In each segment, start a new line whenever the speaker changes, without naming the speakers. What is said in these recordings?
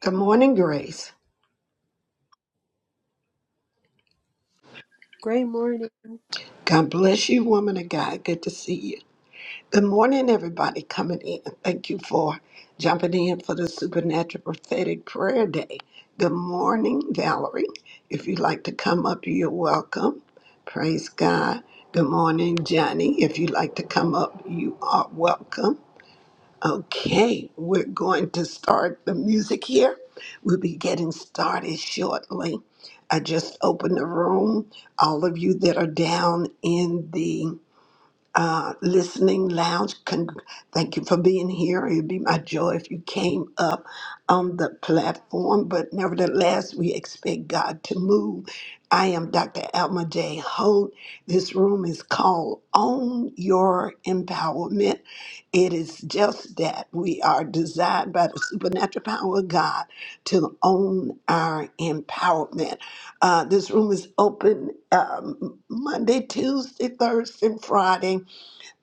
Good morning, Grace.
Great morning,
God bless you, woman of God. Good to see you. Good morning, everybody coming in. Thank you for jumping in for the Supernatural Prophetic Prayer Day. Good morning, Valerie. If you'd like to come up, you're welcome. Praise God. Good morning, Johnny. If you'd like to come up, you are welcome. Okay, we're going to start the music here. We'll be getting started shortly. I just opened the room. All of you that are down in the uh, listening lounge. Con- thank you for being here. It'd be my joy if you came up on the platform, but nevertheless, we expect God to move. I am Dr. Alma J. Holt. This room is called Own Your Empowerment. It is just that we are designed by the supernatural power of God to own our empowerment. Uh, this room is open um, Monday, Tuesday, Thursday, and Friday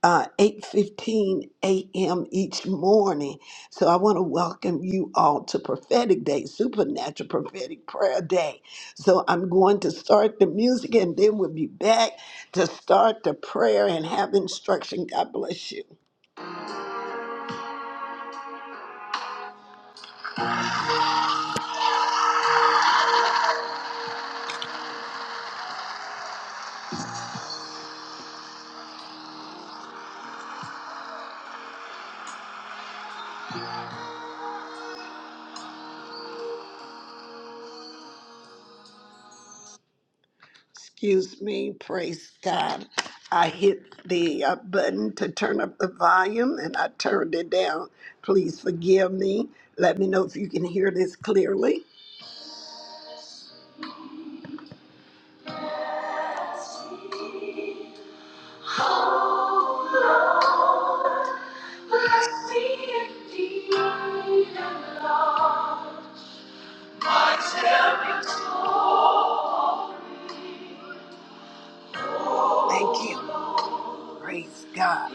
uh, 8.15 a.m. each morning. So I want to welcome you all to Prophetic Day, Supernatural Prophetic Prayer Day. So I'm going to start the music and then we'll be back to start the prayer and have instruction. God bless you. Excuse me. Praise God. I hit the uh, button to turn up the volume and I turned it down. Please forgive me. Let me know if you can hear this clearly. Oh Lord, bless me indeed and Lord, my soul. Thank you. Praise God.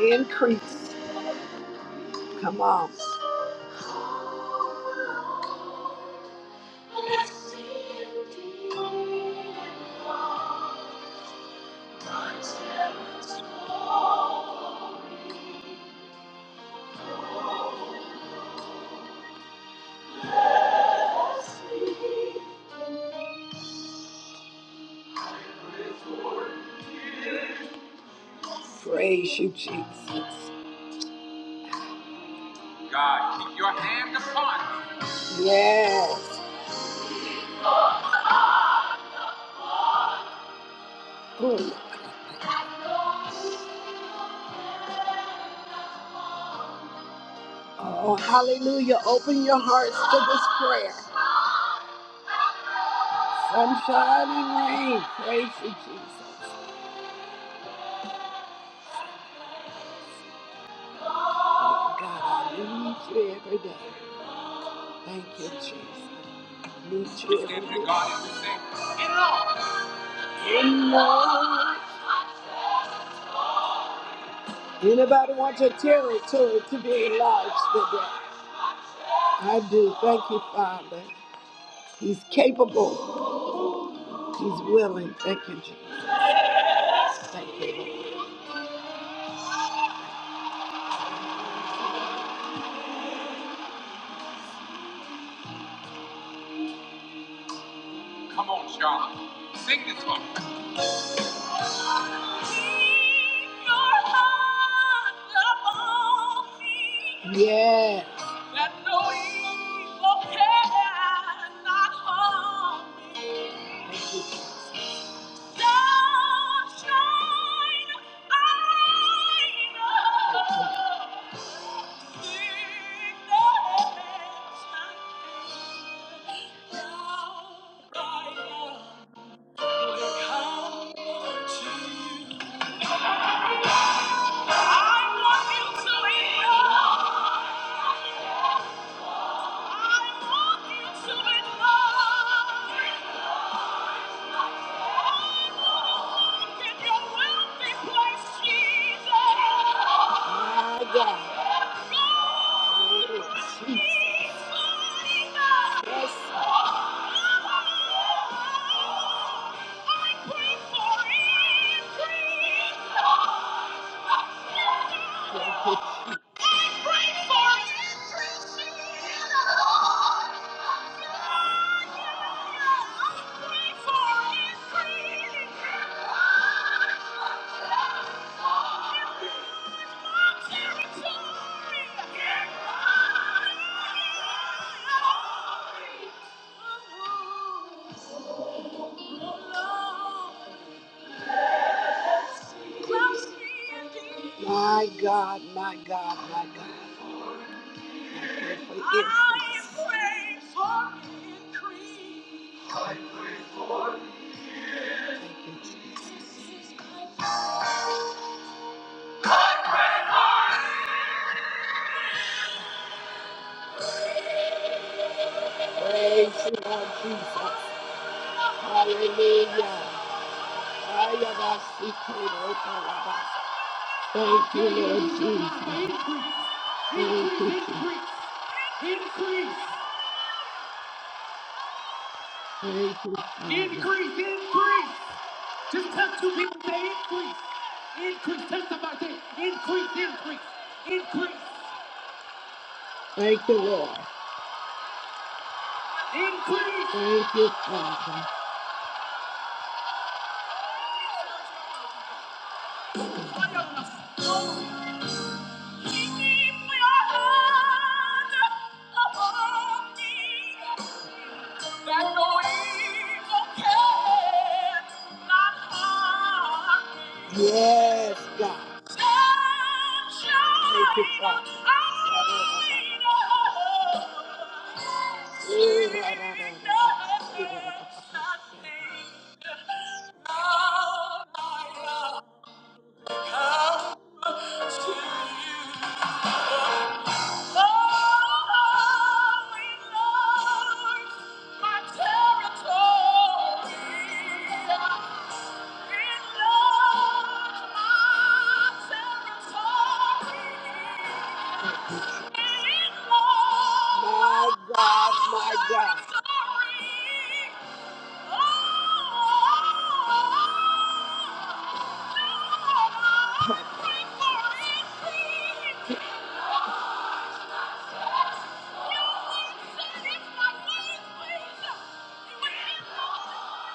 Increase. Come on. Bless me indeed and Lord, my soul. Bless me indeed. Praise you, Jesus. God, keep your hand upon me. Yes. Good. Oh, hallelujah. Open your hearts to this prayer. Sunshiny rain. Praise you, Jesus. Oh, God, I need you every day. Thank you, Jesus. I need you every day. Stand to day. God and sing. In love. Anybody want your territory to be enlarged today? I do. Thank you, Father. He's capable. He's willing. Thank you, Jesus. Thank you. Come on, you Sing this one. Yeah. That no evil cannot harm me. Sunshine, I know. Sickness, I feel. Now I know. Yes. Territory! My God, my God, my God. Pray for increase. Thank you, Jesus. Praise you, Lord Jesus. Hallelujah. Ayabasikirotabasa. Thank you, Lord Jesus. Thank you, Jesus. Increase. Increase, increase. Just tell two people to increase. Increase. Tell somebody to increase, increase, increase, Thank you, Lord. increase. Thank you, Father. no Yes, God. Thank you, Father. Oh, my God, my God. Please it's my way, Thank you.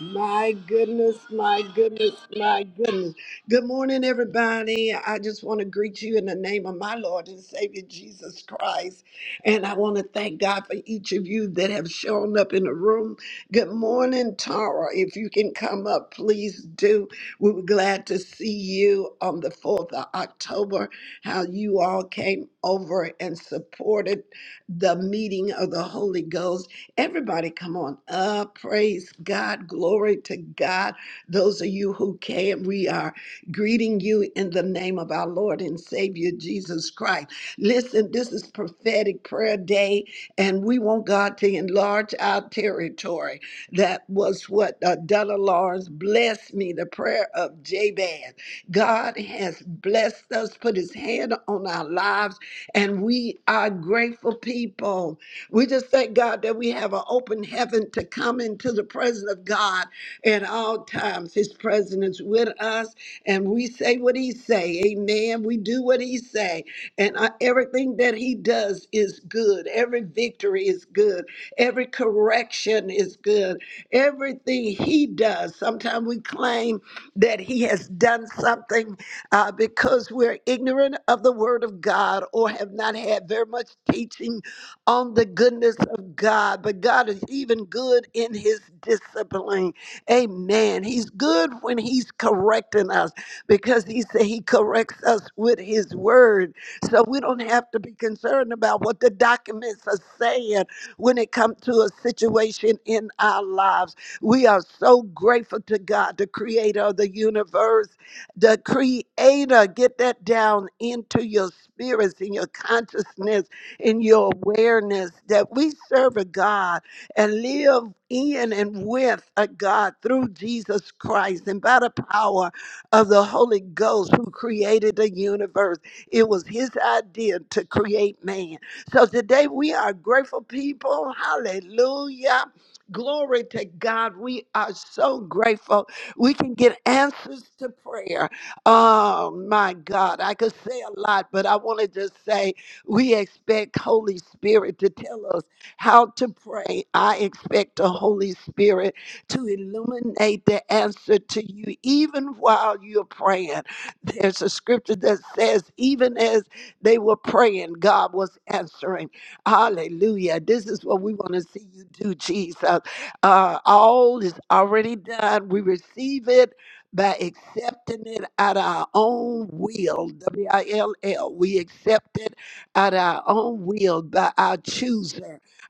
My goodness, my goodness, my goodness. Good morning, everybody. I just want to greet you in the name of my Lord and Savior Jesus Christ. And I want to thank God for each of you that have shown up in the room. Good morning, Tara. If you can come up, please do. We were glad to see you on the 4th of October, how you all came over and supported the meeting of the Holy Ghost Everybody come on up. Praise God. Glory to God. Those of you who came, we are greeting you in the name of our Lord and Savior Jesus Christ. Listen, this is prophetic prayer day, and we want God to enlarge our territory. That was what uh, Della Lawrence blessed me, the prayer of Jabez. God has blessed us, put his hand on our lives, and we are grateful people. We just thank God that we have an open heaven to come into the presence of God and all times. His presence is with us, and we say what he say. Amen. We do what he say, and uh, everything that he does is good. Every victory is good. Every correction is good. Everything he does. Sometimes we claim that he has done something uh, because we're ignorant of the word of God or have not had very much teaching on the goodness of God. But God is even good in his discipline. Amen. He's good when he's correcting us because he said he corrects us with his word. So we don't have to be concerned about what the documents are saying when it comes to a situation in our lives. We are so grateful to God, the creator of the universe, the creator. Get that down into your spirits, in your consciousness, in your awareness that we serve a God and live in and with a God through Jesus Christ and by the power of the Holy Ghost who created the universe. It was his idea to create man. So today we are grateful people. Hallelujah. Glory to God. We are so grateful. We can get answers to prayer. Oh my God. I could say a lot, but I want to just say we expect Holy Spirit to tell us how to pray. I expect the Holy Spirit to illuminate the answer to you even while you're praying. There's a scripture that says, even as they were praying, God was answering. Hallelujah. This is what we want to see you do, Jesus. Uh, all is already done. We receive it by accepting it at our own will. W I L L. We accept it at our own will by our choosing.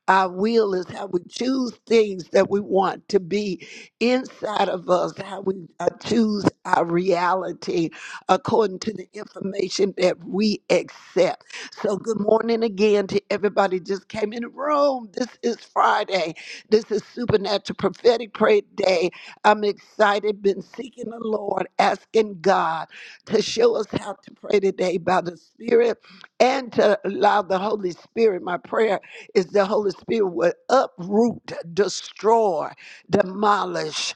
Our will is how we choose things that we want to be inside of us, how we uh, choose our reality according to the information that we accept. So, good morning again to everybody just came in the room. This is Friday. This is Supernatural Prophetic Prayer Day. I'm excited, been seeking the Lord, asking God to show us how to pray today by the Spirit and to allow the Holy Spirit, my prayer is the Holy Spirit will uproot, destroy, demolish,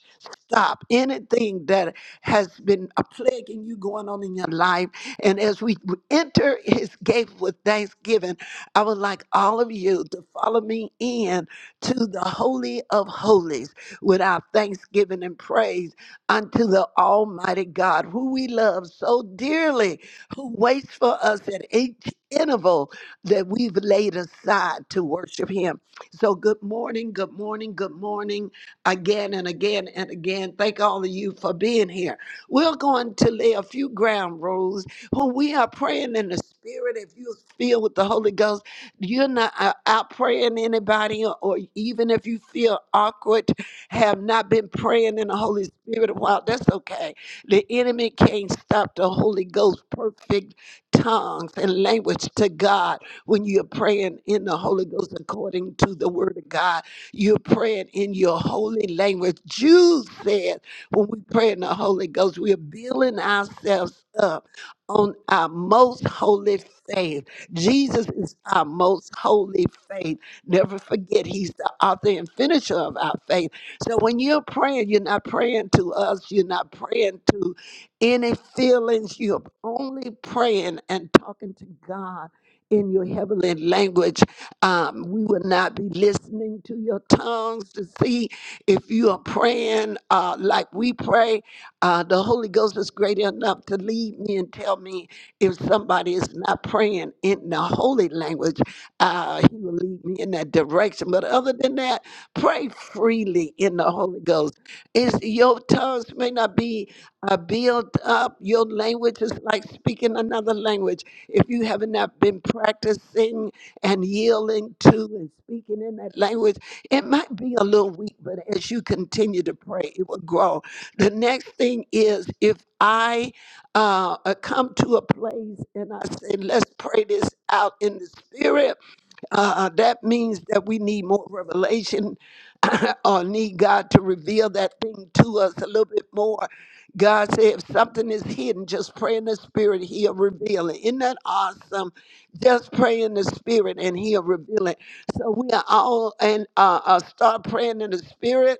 stop anything that has been a plaguing you going on in your life. And as we enter his gate with thanksgiving, I would like all of you to follow me in to the Holy of Holies with our thanksgiving and praise unto the Almighty God, who we love so dearly, who waits for us at each interval that we've laid aside to worship Him. So, good morning, good morning, good morning again and again and again. Thank all of you for being here. We're going to lay a few ground rules when we are praying in the Spirit. If you're filled with the Holy Ghost, you're not uh, out praying anybody, or or even if you feel awkward, have not been praying in the Holy Spirit a while, that's okay. The enemy can't stop the Holy Ghost perfect tongues and language to God when you're praying in the Holy Ghost according to the Word of God. You're praying in your holy language. Jude said, when we pray in the Holy Ghost, we are building ourselves up on our most holy faith. Jesus is our most holy faith. Never forget, He's the author and finisher of our faith. So when you're praying, you're not praying to us, you're not praying to any feelings you're only praying and talking to god in your heavenly language um, we will not be listening to your tongues to see if you are praying uh, like we pray uh, the Holy Ghost is great enough to lead me and tell me if somebody is not praying in the holy language. Uh, he will lead me in that direction. But other than that, pray freely in the Holy Ghost. It's, your tongues may not be uh, built up. Your language is like speaking another language. If you haven't I've been practicing and yielding to and speaking in that language, it might be a little weak, but as you continue to pray, it will grow. The next thing is if I uh, uh, come to a place and I say, let's pray this out in the spirit, uh, uh, that means that we need more revelation. or need God to reveal that thing to us a little bit more. God said, if something is hidden, just pray in the spirit, he'll reveal it. Isn't that awesome? Just pray in the spirit and he'll reveal it. So we are all and uh, uh, start praying in the spirit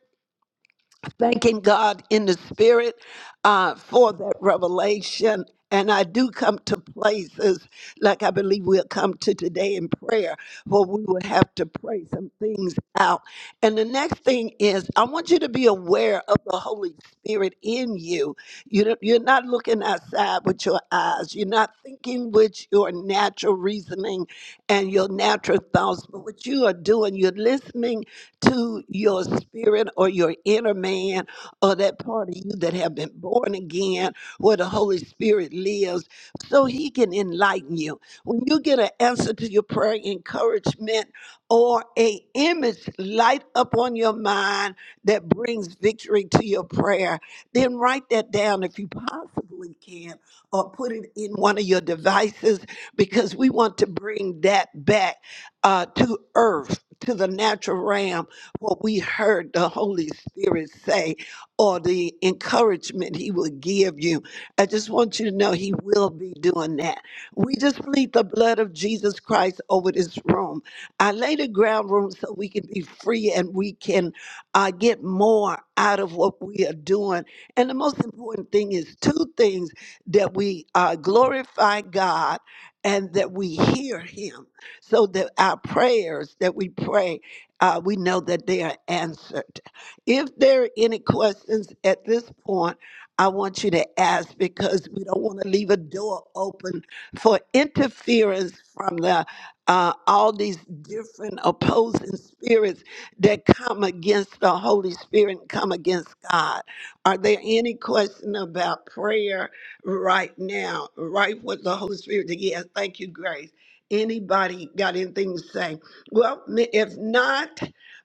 thanking God in the spirit uh, for that revelation. And I do come to places like I believe we'll come to today in prayer where we will have to pray some things out. And the next thing is, I want you to be aware of the Holy Spirit in you. you don't- you're not looking outside with your eyes, you're not thinking with your natural reasoning and your natural thoughts. But what you are doing, you're listening to your spirit or your inner man or that part of you that have been born again where the Holy Spirit lives so he can enlighten you. When you get an answer to your prayer, encouragement, or a image light up on your mind that brings victory to your prayer, then write that down if you possibly can or put it in one of your devices because we want to bring that back uh, to earth, to the natural realm, what we heard the Holy Spirit say or the encouragement He will give you. I just want you to know He will be doing that. We just plead the blood of Jesus Christ over this room. I lay the ground room so we can be free and we can uh, get more out of what we are doing. And the most important thing is two things that we uh, glorify God and that we hear Him so that our prayers that we pray, uh, we know that they are answered. If there are any questions at this point, I want you to ask because we don't want to leave a door open for interference from the uh, all these different opposing spirits that come against the Holy Spirit and come against God. Are there any question about prayer right now? Right with the Holy Spirit? Yes, thank you, Grace. Anybody got anything to say? Well, m- if not,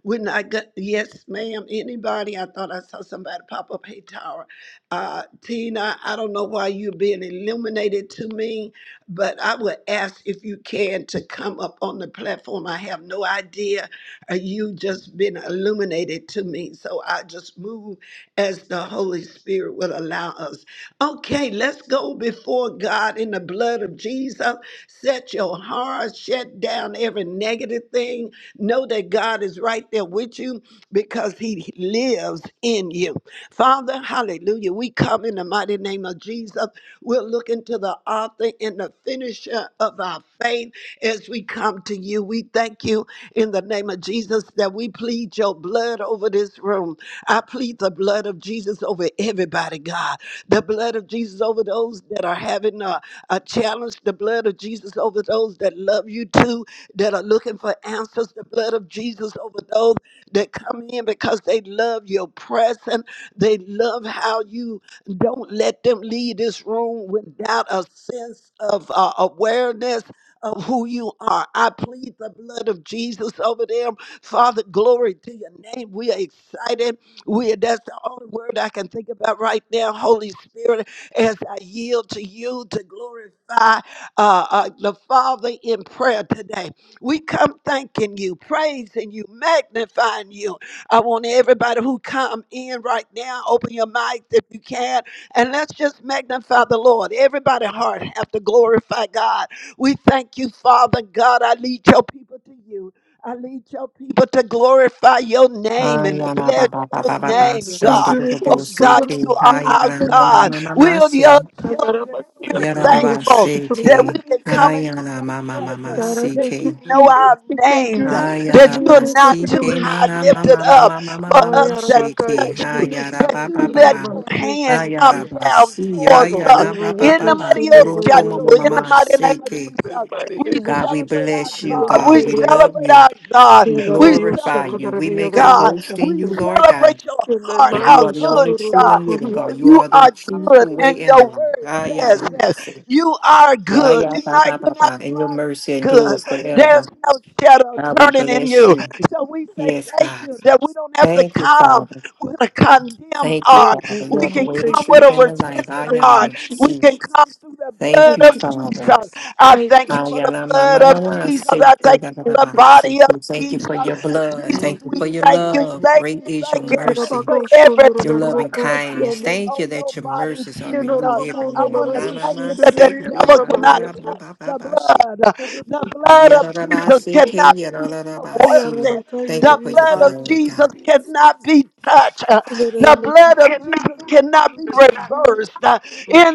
when I got yes, ma'am. Anybody? I thought I saw somebody pop up. Hey, Tara. Uh, Tina, I don't know why you're being illuminated to me, but I would ask if you can to come up on the platform. I have no idea. Uh, you just been illuminated to me. So I just move as the Holy Spirit will allow us. Okay, let's go before God in the blood of Jesus. Set your heart, shut down every negative thing. No that God is right there with you because he lives in you. Father, hallelujah. We come in the mighty name of Jesus. We're looking to the author and the finisher of our faith as we come to you. We thank you in the name of Jesus that we plead your blood over this room. I plead the blood of Jesus over everybody, God. The blood of Jesus over those that are having a uh, I challenge the blood of Jesus over those that love you too, that are looking for answers. The blood of Jesus over those that come in because they love your presence. They love how you don't let them leave this room without a sense of uh, awareness of who you are. I plead the blood of Jesus over them. Father, glory to your name. We are excited. We are, that's the only word I can think about right now. Holy Spirit as I yield to you to glorify uh, uh, the Father in prayer today. We come thanking you, praising you, magnifying you. I want everybody who come in right now, open your mic if you can, and let's just magnify the Lord. Everybody heart have to glorify God. We thank you, Father God. I lead your people to you. I lead your people to glorify your name and to
Ayana ba
bless
ba ba
your
Lord. We
name,
are
God.
shondo do do
Thank
Oh
bo se
God,
ke
you are our
ayana mama
God.
ma ma ma ma
We are
se
your children. We
you,
are
yara
glory,
da ba
thankful
se
that we
ke
can come into your
ayana mama
be
mama ma ma
presence,
glorified,
Cara,
se
that
thank you,
you
ke
and
know
Jesus.
divine.
our
Thank
names,
you, Lord. The
that
ayana
you
new
are
ba
record
not
se
with your
too
ke na
high
na
machine.
ma
lifted
ma ma
up
ma
for us
I am
to
a
se
guy,
ke
and
touch
I'm
you,
your
ayana
that
ba
you
you
ba
and
Thank
I'm
let
a
your
you,
hand
making.
ayana
Lord.
come
ba
down
se
You know,
towards us.
ayana
all
ba
the
ba
In the mighty
vacation that
of
I
roko
had
Jando,
mama mama
in
in
ma
my
the mighty
soul,
name
se
in
of
ke
the
Jesus,
mighty
we
name of
God we
celebrate
Jesus.
our
bless
And
thank
you
I'm
God.
a
We
God we
corner of it.
love
celebrate
you
our God.
we
Can I have
We
your
you, Lord.
glorify
celebrate
thank
second,
you
and I'm
we
you,
you,
the
Lord.
make our
other way
God.
of
boast
the
in
We
you
face?
Lord God
celebrate your
Can I
heart,
For
mind
how
you are
your
the
good
only
second, and
you
I'm
true
a
are.
and living
corner
Father,
God.
of
You
you
it?
are
are
the truth, the
good,
Can
and
way, and
your
the life.
word
Ah, yeah,
says
nah, nah, I
that
say.
you are
Yeah,
good.
yeah,
You're
bah,
not,
bah, bah,
you're not
bah. And your
trying to be
mercy
good.
endures
There's
forever.
I-
no shadow
God, we
turning in
bless
you.
you.
So we say
Yes,
thank
God.
you that we don't have to
Thank you,
come
Father.
with a condemned
Thank you,
heart.
Thank
Father.
you,
You
We
are the
can
God.
way, the
come
Thank
with
truth,
you,
a
and the
Jesus.
life. Ah,
repentant
yeah,
Thank
nah,
you,
heart.
nah, I
We
see.
can
Jesus.
come through the
Thank
blood
Thank
you,
of
you,
Father.
Jesus.
Jesus.
I
Thank
thank
you,
you
Ah,
for
Jesus.
yeah,
the
nah, ma,
blood
ma, ma,
of
ma, I
Jesus.
say,
I
eh,
thank
da,
you
da,
for
da,
Thank
the
bah, I
you,
say.
Jesus.
body of
Thank you
Jesus.
for your blood.
Jesus,
Thank
Thank
you, Lord. Thank
you
you,
we
for
Lord.
your
Hallelujah.
thank you,
love.
thank
Great
you,
Thank you,
is
Lord.
your
thank you
Thank you,
mercy.
for
Rabako
every
Shundra
Your loving
strike
Maroko
that you
kindness.
Shaman.
Thank you
on your
that your
body,
mercies are
You
Jesus.
know,
renewed every
I
Rabako,
morning.
want
Mama,
to
Na,
you
na,
thank
should
ma,
you
have
that the
se,
been
ke,
devil
ba,
Mama.
ya,
cannot
da, ba,
touch
ba, ba,
the
ba, she.
blood. The blood
Ya,
of
da, da, ba,
Jesus
se, ke,
cannot
ya, da,
be
da, da, ba,
Hey,
si.
corrupted.
Rabaka,
Thank
you're
you
a
The
for
real
your
blood of
Thank
son.
blood,
Jesus
God.
cannot be touched.
In the
The
name of
blood
Jesus.
of
Cannot
Jesus cannot be reversed.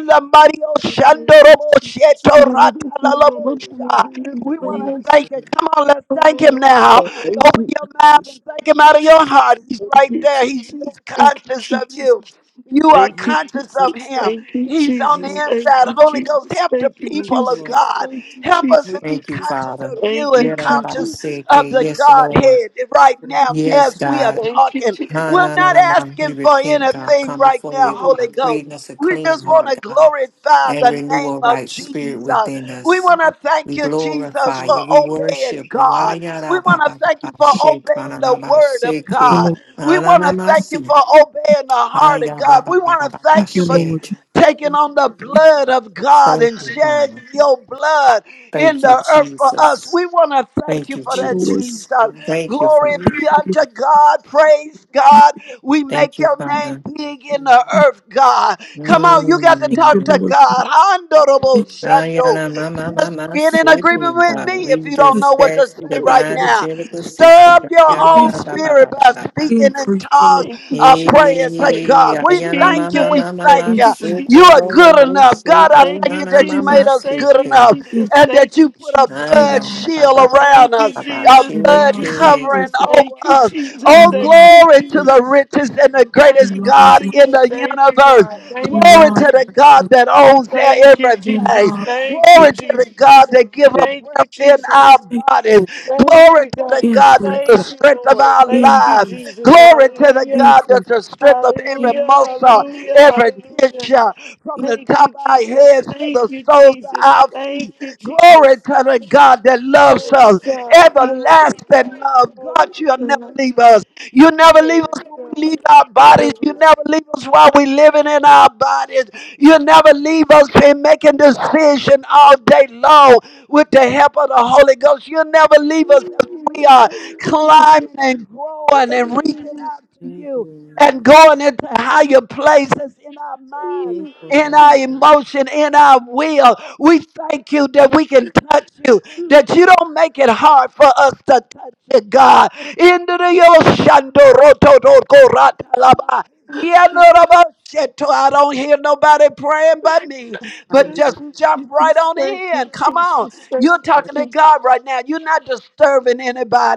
thank-
the mighty Oshandorobo Shetoratalabosha.
thank you, Lord.
we want
Thank
to
be.
thank you. Come on, let's thank him
Oh,
now.
God, thank
Open
you,
your mouth
Jesus.
and thank him out of your heart. He's
Thank
right
you,
there. He-
Jesus.
he's
Thank you,
conscious of
Jesus.
you. You are
Thank you,
conscious of
Jesus.
him.
Thank you,
He's on the
Jesus. Thank
inside.
you,
Holy Ghost,
Jesus.
help the
Thank you,
people of
Jesus.
God.
Thank you,
Help us to
Jesus.
you,
be
Thank
Thank
you,
you, Jesus.
conscious
Father.
of you
Thank you,
and
Ya, da, da, ba,
conscious
Jesus.
se,
of
ke.
the
Yes, Lord.
Godhead right now
Thank you,
Yes,
as we
Jesus.
are
God.
Thank you,
talking.
Jesus.
Na
We're
na na
not
na, man. We
asking for
repent, God.
anything
Come
right
before
now,
you,
Oh,
Holy
God. Creating
Ghost.
us a
We
clean
just want to
heart, God,
glorify
and
the
renew
name
a
of
right spirit
Jesus.
within
We
us.
want to thank
We
you, Jesus,
glorify
for
you. We
obeying
worship you.
God. We
Thank
want to thank you for obeying the word of
you,
Ayarababababashekanamaseke.
Lord.
God. We
Lord.
want to
Thank
thank you
Ananamasi.
for obeying the heart of God. We want to thank
Thank
you
you,
for
Ayabababababashe.
Lord.
taking on the blood of God
Thank
and
you, God.
sharing your blood in
Thank you,
the earth for us.
Jesus.
We want to thank
Thank
you
you,
for that,
you,
Lord,
Jesus.
Lord.
Jesus.
Thank you, Father.
Glory
Hallelujah.
be
Lord.
unto God. Praise God. We
Thank
make
you,
your name
Father.
Thank you,
big in the earth, God. Come on, you got to
Thank you,
talk
Mm.
to
Lord.
God. Honorable
Thank
Shando.
Ayana Mama Mama
Get
you,
in
City
agreement with
God.
me if
We
you don't
Yes,
just
know what to
that's
say right
divine
now.
angelical
thank
Stir
you,
system.
up your
Ayana
yes,
own
ba ba ba ba
spirit
ba
by
ba ba.
speaking in
increase, Lord.
tongues,
Thank you,
uh,
Eh,
Jesus. Thank you,
praying
Jesus.
to
Thank you,
God. We
Ayana
thank you.
Mama
We
Jesus.
Mama
thank
Mama
Thank
you.
you,
Increase,
You
thank
are
Jesus.
Sukuro
you,
good
Robo
enough. God, I
Suku
Thank
thank
you,
you
Nana
that you
in,
Jesus.
made
Mama
us
Thank
good
you,
City.
enough
in,
Jesus.
and that
Thank
you
you,
put a
Jesus.
blood
Ayana
enlarge,
ba
shield
ba ba
Lord.
ba ba
around
Thank
us,
you,
ba ba.
a
Jesus. Thank
blood
you,
enlarge my
Shiki.
covering
Jesus.
circle.
over
Thank you,
us.
Jesus.
Oh,
Thank
Enlarge,
you,
glory to
yes,
the
Jesus.
richest and the greatest
Thank
enlarge
God
my,
you,
in
Jesus.
the
Thank you, God.
universe.
Thank you,
Glory to
enlarge
the
my
Jesus.
God
circle.
that
Lord.
owns their
Thank you,
everything.
Jesus.
Enlarge
Thank
my
you,
circle.
Glory to the God
Jesus.
that gives a
Lord.
Thank you,
breath in our
Jesus.
Thank you,
bodies.
Lord.
Thank
Glory
you,
to the
God.
God that's
Increase,
Thank
the
yeah.
you,
strength of
Lord.
our
Thank you,
lives.
increase,
Jesus.
Glory to the
Hallelujah.
God
increase,
that's the strength of every
increase,
Hallelujah.
muscle,
Hallelujah.
every
Hallelujah.
tissue, from the
Thank you,
top of our
Jesus.
heads to
Thank
the
you,
soles of
Jesus.
our
Thank
feet.
you,
Glory
Jesus.
to the God that loves
Glory to
us.
God. Glory to God.
Everlasting love. God,
Glory to
you'll never
God.
leave us. You never leave
Glory
us
to
when we leave
God.
our
Jesus.
bodies.
Never.
You never leave us while we we living in our bodies. You'll never leave us in making decision all day long with the help of the Holy Ghost. You'll never leave us as we
Hallelujah.
are
Hallelujah.
climbing and growing and reaching
Hallelujah.
out to
Thank you, Lord. Thank you, thank you, thank you,
you
Lord.
and going into higher places in our minds.
Ooh.
Thankful
In
God.
our emotion, in our will, we thank you that we can touch you,
ooh,
that you don't make it hard for us to touch you, God. Into the ocean, do ro to do go ra ta la ba.
ooh.
Yeah, no, no, no, shit, too. I don't hear nobody praying but me. But
Thank
just
Hallelujah.
you,
jump right
Jesus.
on
Thank you,
in. Come on.
Jesus. Thank
You're
you,
talking to
Jesus.
God right now. You're not disturbing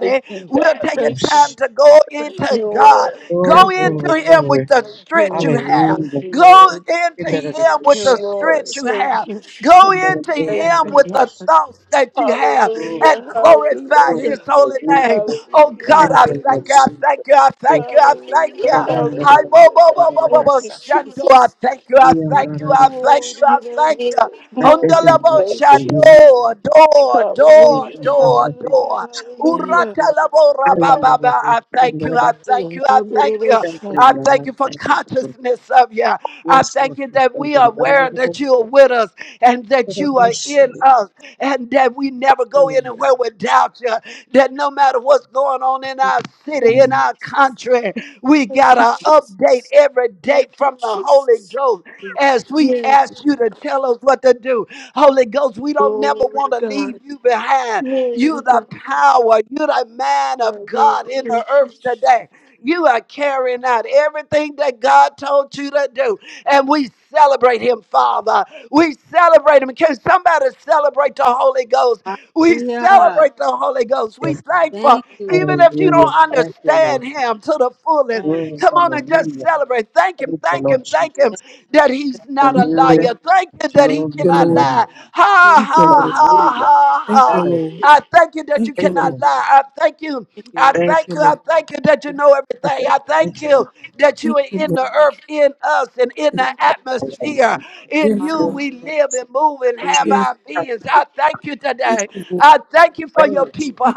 Thank you,
We're
God.
taking
Thank you.
time
Kush.
to go
Thank
into
you,
God.
Lord.
Glory,
Go
Thank you,
glory,
into
Lord.
Him
glory.
with the
Thank you,
strength you
Lord.
have.
Thank
Hallelujah.
you,
Go
Lord.
into
Kinda da da
Him
Thank you,
with
kush,
the
and the
strength
Lord.
is.
you
Thank
have.
you,
Go
Jesus.
Kinda da
into
da
Thank
da da
Him with
you,
the
God.
thoughts that you have
Glory,
and
Hallelujah,
glorify
glory,
His
hallelujah,
holy name.
glory.
Oh
hallelujah,
Thank
God,
Thank
I
you, Lord
thank you. I
hallelujah,
Jesus.
thank you. I thank you.
Glory,
I thank
da
hallelujah,
you.
da da
Hi,
da da
bo,
hallelujah,
bo,
da
God.
bo,
da
bo,
da
bo,
da
Thank
bo,
you,
sa.
shando. I
Jesus.
thank you. I
Ian
you,
ga
thank you.
da da
I thank
Glory
you.
kush.
to
I
your
thank
name,
you.
Lord.
I thank
Glory
you,
to
Lord,
Ondalabo
your name,
for you.
Jesus.
shadow, door,
I thank
door,
Hallelujah,
you, Lord. I
door,
thank you.
door.
thank
hallelujah,
you.
Uratalabo
I am the Lord.
rabababa. I thank
Kinda da
you.
da
I thank you. I thank
hallelujah.
you.
Thank you,
I
Lord.
thank you for
Thank you.
consciousness of you. I
Yes,
thank
Lord.
you that
Thank
we are
you. Da da
aware that you are with us and that you are
kush.
in us and that we never go
Ian
anywhere without you. That no matter what's going on in our city,
Yes,
in our
Jesus.
country, we got
Thank you,
an
Jesus.
update every
Thank
day
you,
from the Holy
Jesus.
Ghost as we
Yes,
ask you to tell us what to do. Holy Ghost, we don't never
glory
want
to
to leave
God.
you behind.
Glory
You
to
the
God.
power, you the man of
Glory
God in
to
the earth
Jesus.
today. You are carrying out everything that God told you to do. And we celebrate him, Father. We celebrate him. Can somebody celebrate the Holy Ghost? We
Hallelujah.
celebrate the Holy Ghost.
ga.
We thankful
Thank you,
even if you
Hallelujah.
don't
Thank you,
understand
Lord.
him to the fullest,
Lord.
Glory,
come on and just
hallelujah.
celebrate. Thank
Thank
him,
you,
thank
Lord
him, thank him
Thank
Jesus.
that he's not a
increase,
you.
Hallelujah.
Lord.
liar. Thank you that he
Glory,
Thank you,
cannot
Lord.
hallelujah.
lie. Ha,
Thank
Thank you,
ha,
Lord.
ha,
Hallelujah.
ha,
Thank you,
ha.
Hallelujah.
Lord.
I thank you that you
Thank
Thank
you,
you,
Lord.
cannot
Lord.
lie. I thank you. I
you.
Thank
Thank
thank
you,
you. I
Lord.
thank you that you know
you. Thank
everything.
you.
I thank
Thank you.
you that you
Thank
are
you,
in
Lord.
the earth, in us, and in the
Thank
Lord.
atmosphere. In
Yes,
you
Lord
God.
you.
we we live and move and have
Jesus.
Yes,
our
I'm
beings. I thank you
thank
Thank
today.
you, Lord.
I thank you for your
praying. Praise,
people.
Thank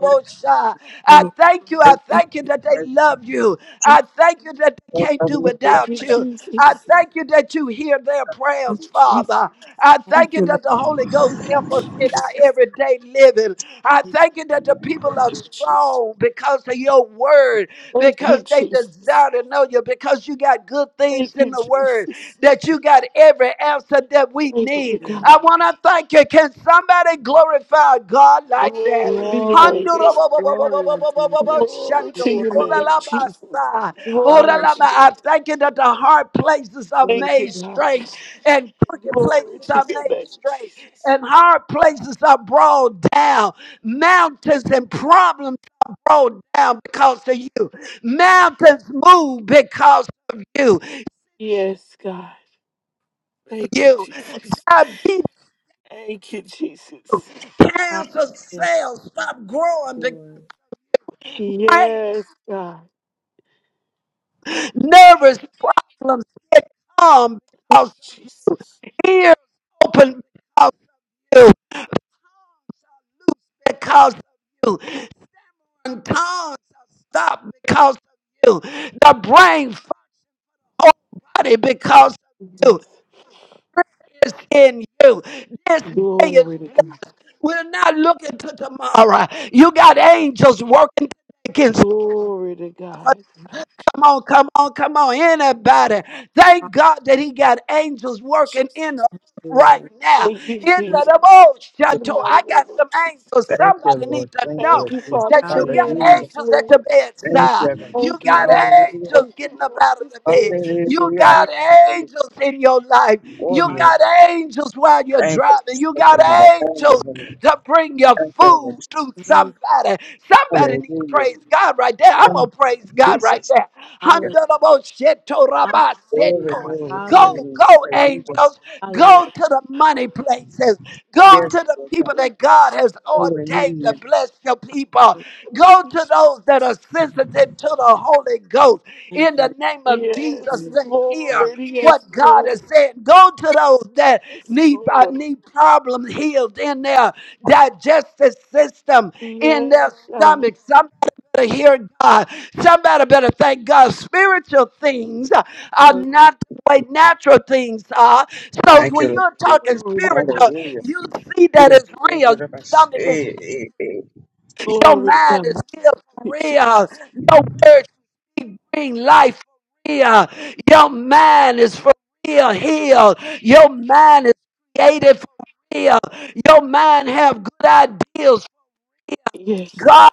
That
you,
I
Lord.
thank you. I
praise,
Thank
thank you that they
praise,
love you.
you,
I thank you that they can't do
hallelujah. Thank
you,
without you. I
Jesus.
thank you that you hear their
thank you,
prayers,
Jesus.
Father. I thank
thank
you
you, Lord.
that the Holy Ghost
Thank you,
help us in our
Thank you,
Jesus.
everyday living. I thank you that the people
Thank
are
you, Jesus.
strong because of your word word,
Thank you,
because they
Jesus.
desire to know you, because you got good things
Thank
in
you,
the word,
Jesus.
that you got every answer that we
Thank you,
need.
There is no
God.
equal.
I want to thank you. Can somebody glorify God like that?
Glory to your
I
Glory,
name.
glory unto you, Lord.
Glory to your
Glory unto
name, Jesus. Glory
Hallelujah.
to your name.
thank you that the hard places are
Glory
Thank you,
made
God.
straight and crooked
to us.
places
Glory to
are
your
made
name,
straight
Jesus.
and hard places are brought down. Mountains and problems rolled down because of you. Mountains move because of you.
Yes, God. Thank you,
You
Jesus.
diabetes,
Thank you, Jesus.
cancer
Hallelujah.
cells stop
Thank you,
growing
Lord.
because brain,
Yes, God.
nervous problems get calm because of
Jesus.
ears open because of you. Because of you, and tongues stop because of you. The brain, whole body because of you.
Yes.
is in you. This day is
Glory to God.
blessed. We're not looking to tomorrow. You got angels working. today.
Glory to God. Thank you.
Come on, come on, come on. Anybody. Thank God that he got angels working
Jesus.
in the
Thank you,
right
Lord.
now.
Thank you,
In
Thank
the
Jesus.
old
you,
In the
chateau,
mighty
I
name
got some
of Jesus.
angels.
Thank you,
Somebody
Lord.
need to
Thank you,
know
Thank you,
Jesus.
Father,
that
God.
for
you
the
got
Hallelujah.
angels,
angels at
Lord.
the
Thank
bedside.
you, Lord.
You
Thank you,
got
Lord.
Father.
Hallelujah.
angels
Thank you,
getting up
Lord.
out of
This
the bed.
is-
You
Hallelujah.
Thank
got
Thank you, Lord.
angels in your life. You
God.
Glory.
got angels while you're
Thank you.
driving. You
Thank
got
you, Lord.
angels
Hallelujah.
to bring your
Thank you,
food to
Lord.
Thank
somebody. Somebody
Hallelujah.
needs to praise God right there. I'm
Thank you,
going to praise God right
Jesus.
there.
Hallelujah.
Hallelujah.
Handalabo sheto rabba
Glory,
Hallelujah.
seto.
glory to your
Hallelujah.
Go,
name.
go,
Hallelujah.
angels.
Hallelujah.
Go to the money places. Go
Hallelujah.
to
Yes,
the
Lord God.
people that God has ordained to
Hallelujah.
bless your people. Go
Thank you.
to
Jesus.
those that are sensitive to the Holy Ghost.
Thank
In
you,
the name of Jesus,
Yes,
Jesus.
to hear
Lord.
what
Yes,
God
Lord.
is saying. Go to those that
Yes,
need uh,
Lord.
need problems healed in their digestive system, in their
Yes, God.
stomach to hear God. Somebody better thank God. Spiritual things uh, are
Hallelujah,
not the way natural things are. So
Thank you,
when
Lord
you're talking
Jesus.
Glory to
spiritual,
God.
Hallelujah.
you see
We
that
have
it's real.
surrendered of
Your
us.
stomach is,
Eh, eh, eh.
your
Glory to
mind
God.
is healed
Thank
for
you,
real.
Jesus.
Your words bring life for real. Your mind is for real healed. Your mind is created for real. Your mind have good ideals.
Yes.
God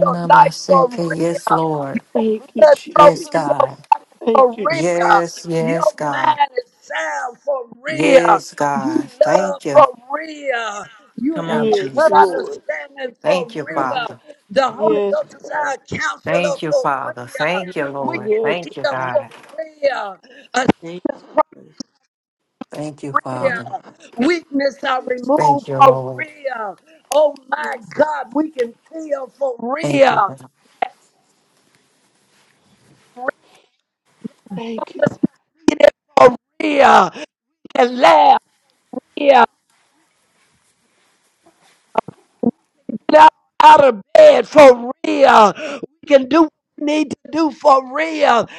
your
ba
life for
City. Yes,
real.
Lord.
Your
Thank you,
blood flow
Yes,
through
Jesus.
your
God.
Thank
for
you, Jesus.
real.
Yes, yes,
Your
God.
mind is sound for real.
Yes,
You
God.
love
Thank you.
for real. You
Come
have
on,
a
Yes,
good
Jesus.
Lord.
understanding for
Thank you,
Lord.
Father.
real. The
Thank
Holy
Yes,
Ghost is
God.
you.
our counselor
Thank you,
for
Father.
real.
Thank
Thank
you,
We
Lord.
can
Yes,
Thank you,
heal
God.
for
God.
real. A
Thank you.
Thank you,
Thank
Father.
real. Weakness are
yes,
removed
Thank you,
for
Lord.
real. Oh my
yes.
God, we can feel for
Thank you,
real.
God.
Thank you,
Get it for real. can laugh real. Get up out of bed for real. We can do what we need to do for real.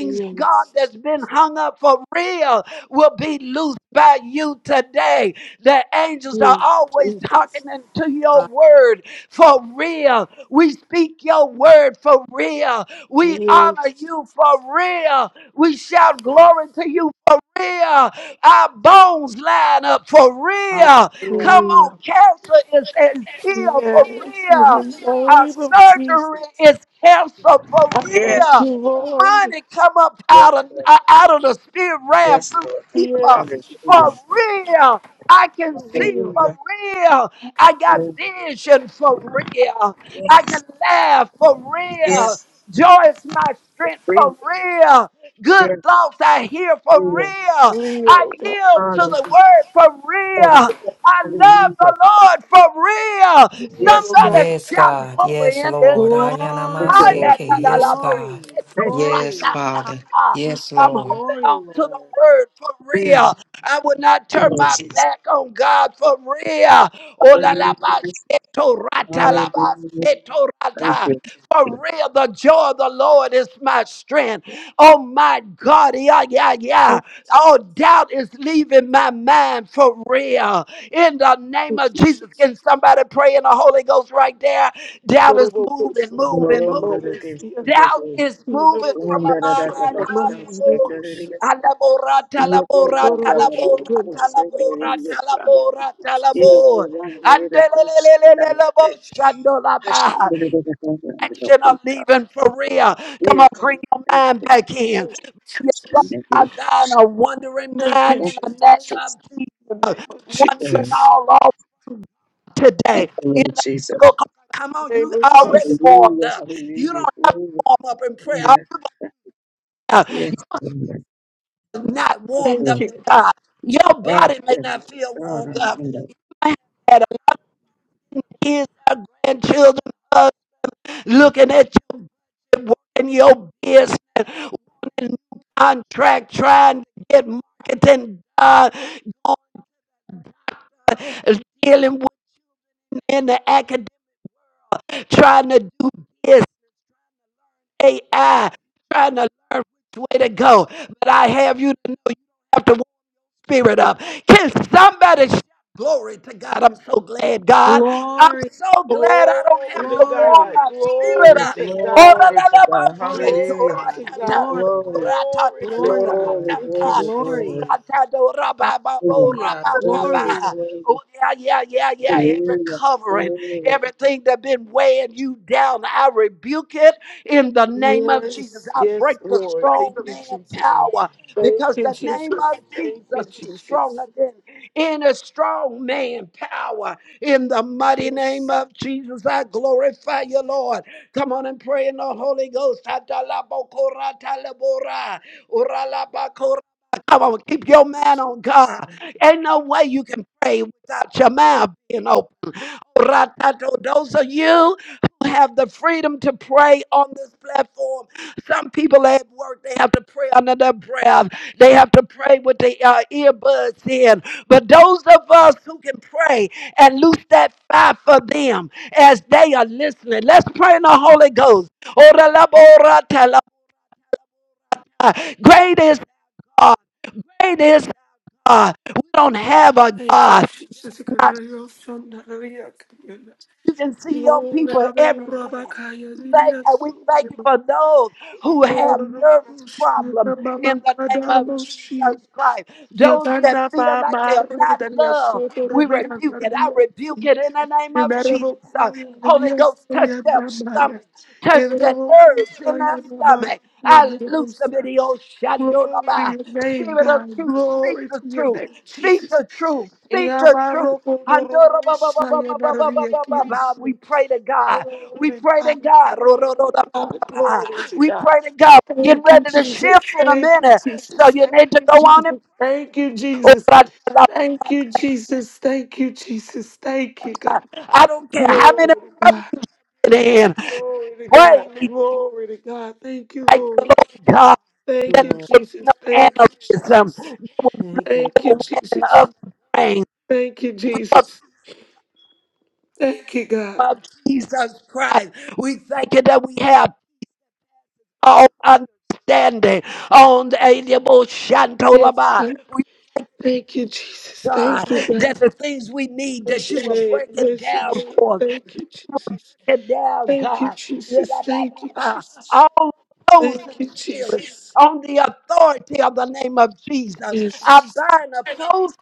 God.
God,
Yes,
that's been hung up for real will be loosed by you today. The angels are
yes,
always talking
Jesus.
into your
God.
word for real. We speak your word for real. We honor
Yes,
you for real. We shout glory to you for real. Our bones line up for real.
Hallelujah.
Come on,
Lord.
cancer is, is healed for
Yes, in the
real. Our
name of Jesus.
surgery is canceled for
I
Yes,
thank
real.
you,
Lord God.
Lord.
Money come up
Yes,
out of
Lord.
uh, out of the spirit realm
Yes,
through
Lord God.
people
Yes,
Hallelujah.
for
Jesus.
real. I can
For
see
real,
for
Hallelujah.
real. I got
Hallelujah.
vision for real. I can laugh for real.
Yes.
Joy is my strength
Praise.
for real. Good
Yes.
thoughts I hear for real. I
real God.
yield to the
Hallelujah.
word for real.
Hallelujah.
I love
Hallelujah.
the Lord for real.
Yes.
Real God.
Somebody
Yes,
Thank you,
shout
Lord.
God.
glory
Yes,
in this
Lord.
room.
Thank you, Lord
Glory,
Ayanamaseke.
Jesus.
Yes,
glory,
God.
Thank you,
Yes,
glory.
Father. Yes,
I'm
Hallelujah.
Lord.
holding
Glory,
on to the
Lord.
word for
Lord. Thank you,
real. I would not turn
Lord
my
Jesus.
back on God for real. Oh, la, la,
Hallelujah.
ba, sheto, rata, la, ba,
Hallelujah.
sheto,
Thank
rata.
you.
For real, the joy of the Lord is my strength. Oh my God, yeah, yeah, yeah.
Thank
All doubt is leaving my mind for real. In the name of
you,
Jesus, can
Jesus.
somebody pray in the Holy Ghost right there? Doubt is moving, moving, moving. Doubt is
Thank
moving
you,
from my
Jesus. In
mind.
the
How you move? Alabora, talabora, talabora, talabora, talabora, talabora. Andelelelelelelebo, shandolaba action of leaving Perea. Come on, bring your mind back in. I bind a wandering mind in the name of Jesus.
name of
Wandering
Jesus.
all over
Thank
today.
you,
In
Lord
the, go,
Jesus.
come
In the
on, you
name of
already
Jesus.
warmed
Hallelujah,
up. You
hallelujah,
don't have to warm up in prayer. Oh, yeah. You're not warmed
glory.
Thank
up
you.
in God. Your
God,
body may
goodness.
not feel
God,
warmed up.
hallelujah.
I had a kids, our grandchildren, uh, looking at you. working your business, wanting new contract, trying to get marketing done, going, dealing with in the academic, trying to do this AI, trying to learn which way to go. But I have you to know you don't have to spirit of. Can somebody shout glory to God? I'm so glad, God. I'm
Glory,
so glad I don't
Glory
have
to
to warm
glory,
God.
my spirit
Glory,
Glory
glory
up.
to
to
Ora
God.
God.
glory
la
to
la ba
God.
she
Glory
to
to
Hallelujah.
Glory
ra
God.
to
ta ta
God.
to
Glory,
ko
Glory,
ra ta
Glory
ta to
to
glory,
God.
ra
glory,
ta
Lord.
Thank you,
ta.
glory,
Jesus.
glory.
Glory.
Ora ta do ra ba ba bo
Hallelujah.
ra
Hallelujah.
ba ba
Glory,
Glory,
ba. Oh,
glory,
yeah, yeah, yeah, yeah. Every
hallelujah.
covering,
Glory.
everything that's been weighing you down, I rebuke it in the name of Jesus.
Yes,
I break
yes,
the
Lord.
strong
Thank you,
man
Jesus.
power
Thank
because
you,
the name
Jesus.
of
Thank you,
Jesus is
Jesus.
stronger than any strong man power. In the mighty name of Jesus, I glorify you, Lord. Come on and pray in the Holy Ghost. Atalabokoratalabora, oralabakora. Come on, keep your man on God. Ain't no way you can pray without your mouth being open. Those of you who have the freedom to pray on this platform, some people at work, they have to pray under their breath. They have to pray with their uh, earbuds in. But those of us who can pray and loose that fire for them as they are listening, let's pray in the Holy Ghost. Ora la bo ra ta la ba. Great is God. Great is God. We don't have a
Thank you,
God.
Jesus. Gloria, son, hallelujah.
You can see your
Glory,
people
Rabba,
everywhere.
Rabba, Kaya,
You thank
Dinya,
and we
so,
thank you
Rabba,
for those who have nervous
Kushna,
problems
Mama,
in the name
Kadar,
of
Moshio.
Jesus Christ. Those that
Yadana,
feel like they
Mama,
are
Rabba,
not
Dinya,
loved,
so,
we
Rubi,
rebuke it. I
Anarnia.
rebuke it in the name of
Glory
Jesus.
to
Holy
your
Ghost, touch their stomach touch the nerves in our stomach. I loose them in the Oshandolaba.
name,
Spirit of
God.
truth, speak
Glory
the
to your
truth,
name,
speak
Jesus.
the truth, speak the
Glory
truth.
to God. Glory
Handorabababababababababa.
to
We pray to God. We pray to
God.
God. Rorododabababa.
Glory to
We
God.
pray to God. Get
Thank you,
ready to
Jesus.
shift in a
Thank you,
minute. So
Jesus.
you
Thank
need to
you,
go
Jesus.
on and
Thank you, Jesus. Thank you, Jesus. Thank you, Jesus. Thank you, God.
I don't care how
Glory
many
to God.
problems you're in.
Glory to God.
Pray.
Glory to God. Thank you,
Thank you,
Lord.
Lord God,
Lord.
Thank
that
you,
there
Lord.
would be no
Jesus. Thank you,
aneurysm,
Jesus.
there would be
Thank you.
Thank you,
overwhelming
Jesus.
of the brain.
Thank you,
Of
Jesus. Thank you, God.
of Jesus Christ, we thank you that we have all understanding on the able
Yes,
Shantolaba.
God.
We
Thank you, Jesus.
God,
Thank you, God.
that the things we need
Bless
that
your
you are
name.
breaking
Bless your
down
name.
for us
Thank you, Jesus.
and down,
Thank you,
God.
Jesus. Thank you, Jesus.
All
Thank
opposing
you,
spirits
Jesus.
on the authority of the name of Jesus. I
Yes.
bind opposing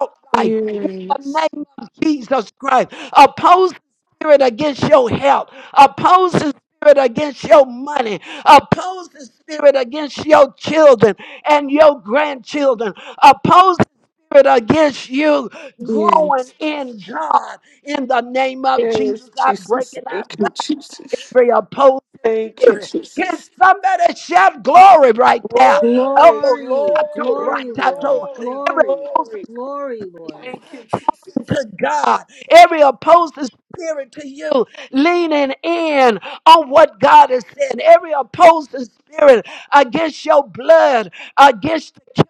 out life in the
Yes.
name of Jesus Christ. Oppose the spirit against your health. Oppose the spirit against your money. Oppose the spirit against your children and your grandchildren. Oppose the spirit against you growing
Yes.
in God. In the name of
Yes,
Jesus, I break
Jesus.
it. I
Thank you, Jesus.
boundary oppose
Thank you,
spirit. Can
Jesus.
somebody shout glory right there?
Glory,
Elbow,
Glory,
shato,
glory,
glory, Lord.
ratato.
glory,
Every
Glory,
opposing
glory.
glory, Lord.
you
Thank you, Jesus.
to God, every opposing spirit to you, leaning in on what God has said, every opposing spirit against your blood, against the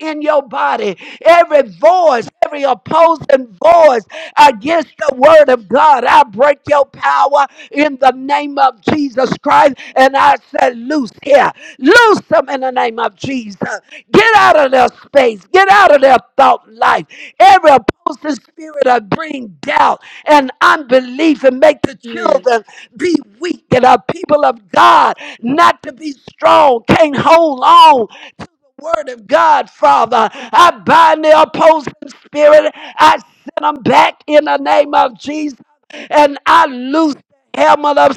in your body, every voice, every opposing voice against the word of God. I break your power in the name of Jesus Christ and I said, Loose here, loose them in the name of Jesus. Get out of their space, get out of their thought life. Every opposing spirit of bring doubt and unbelief and make the
Yes,
children be weak and our people of God not to be strong, can't hold on to word of God, Father. I bind the opposing spirit. I send them back in the name of Jesus. And I loose the helmet of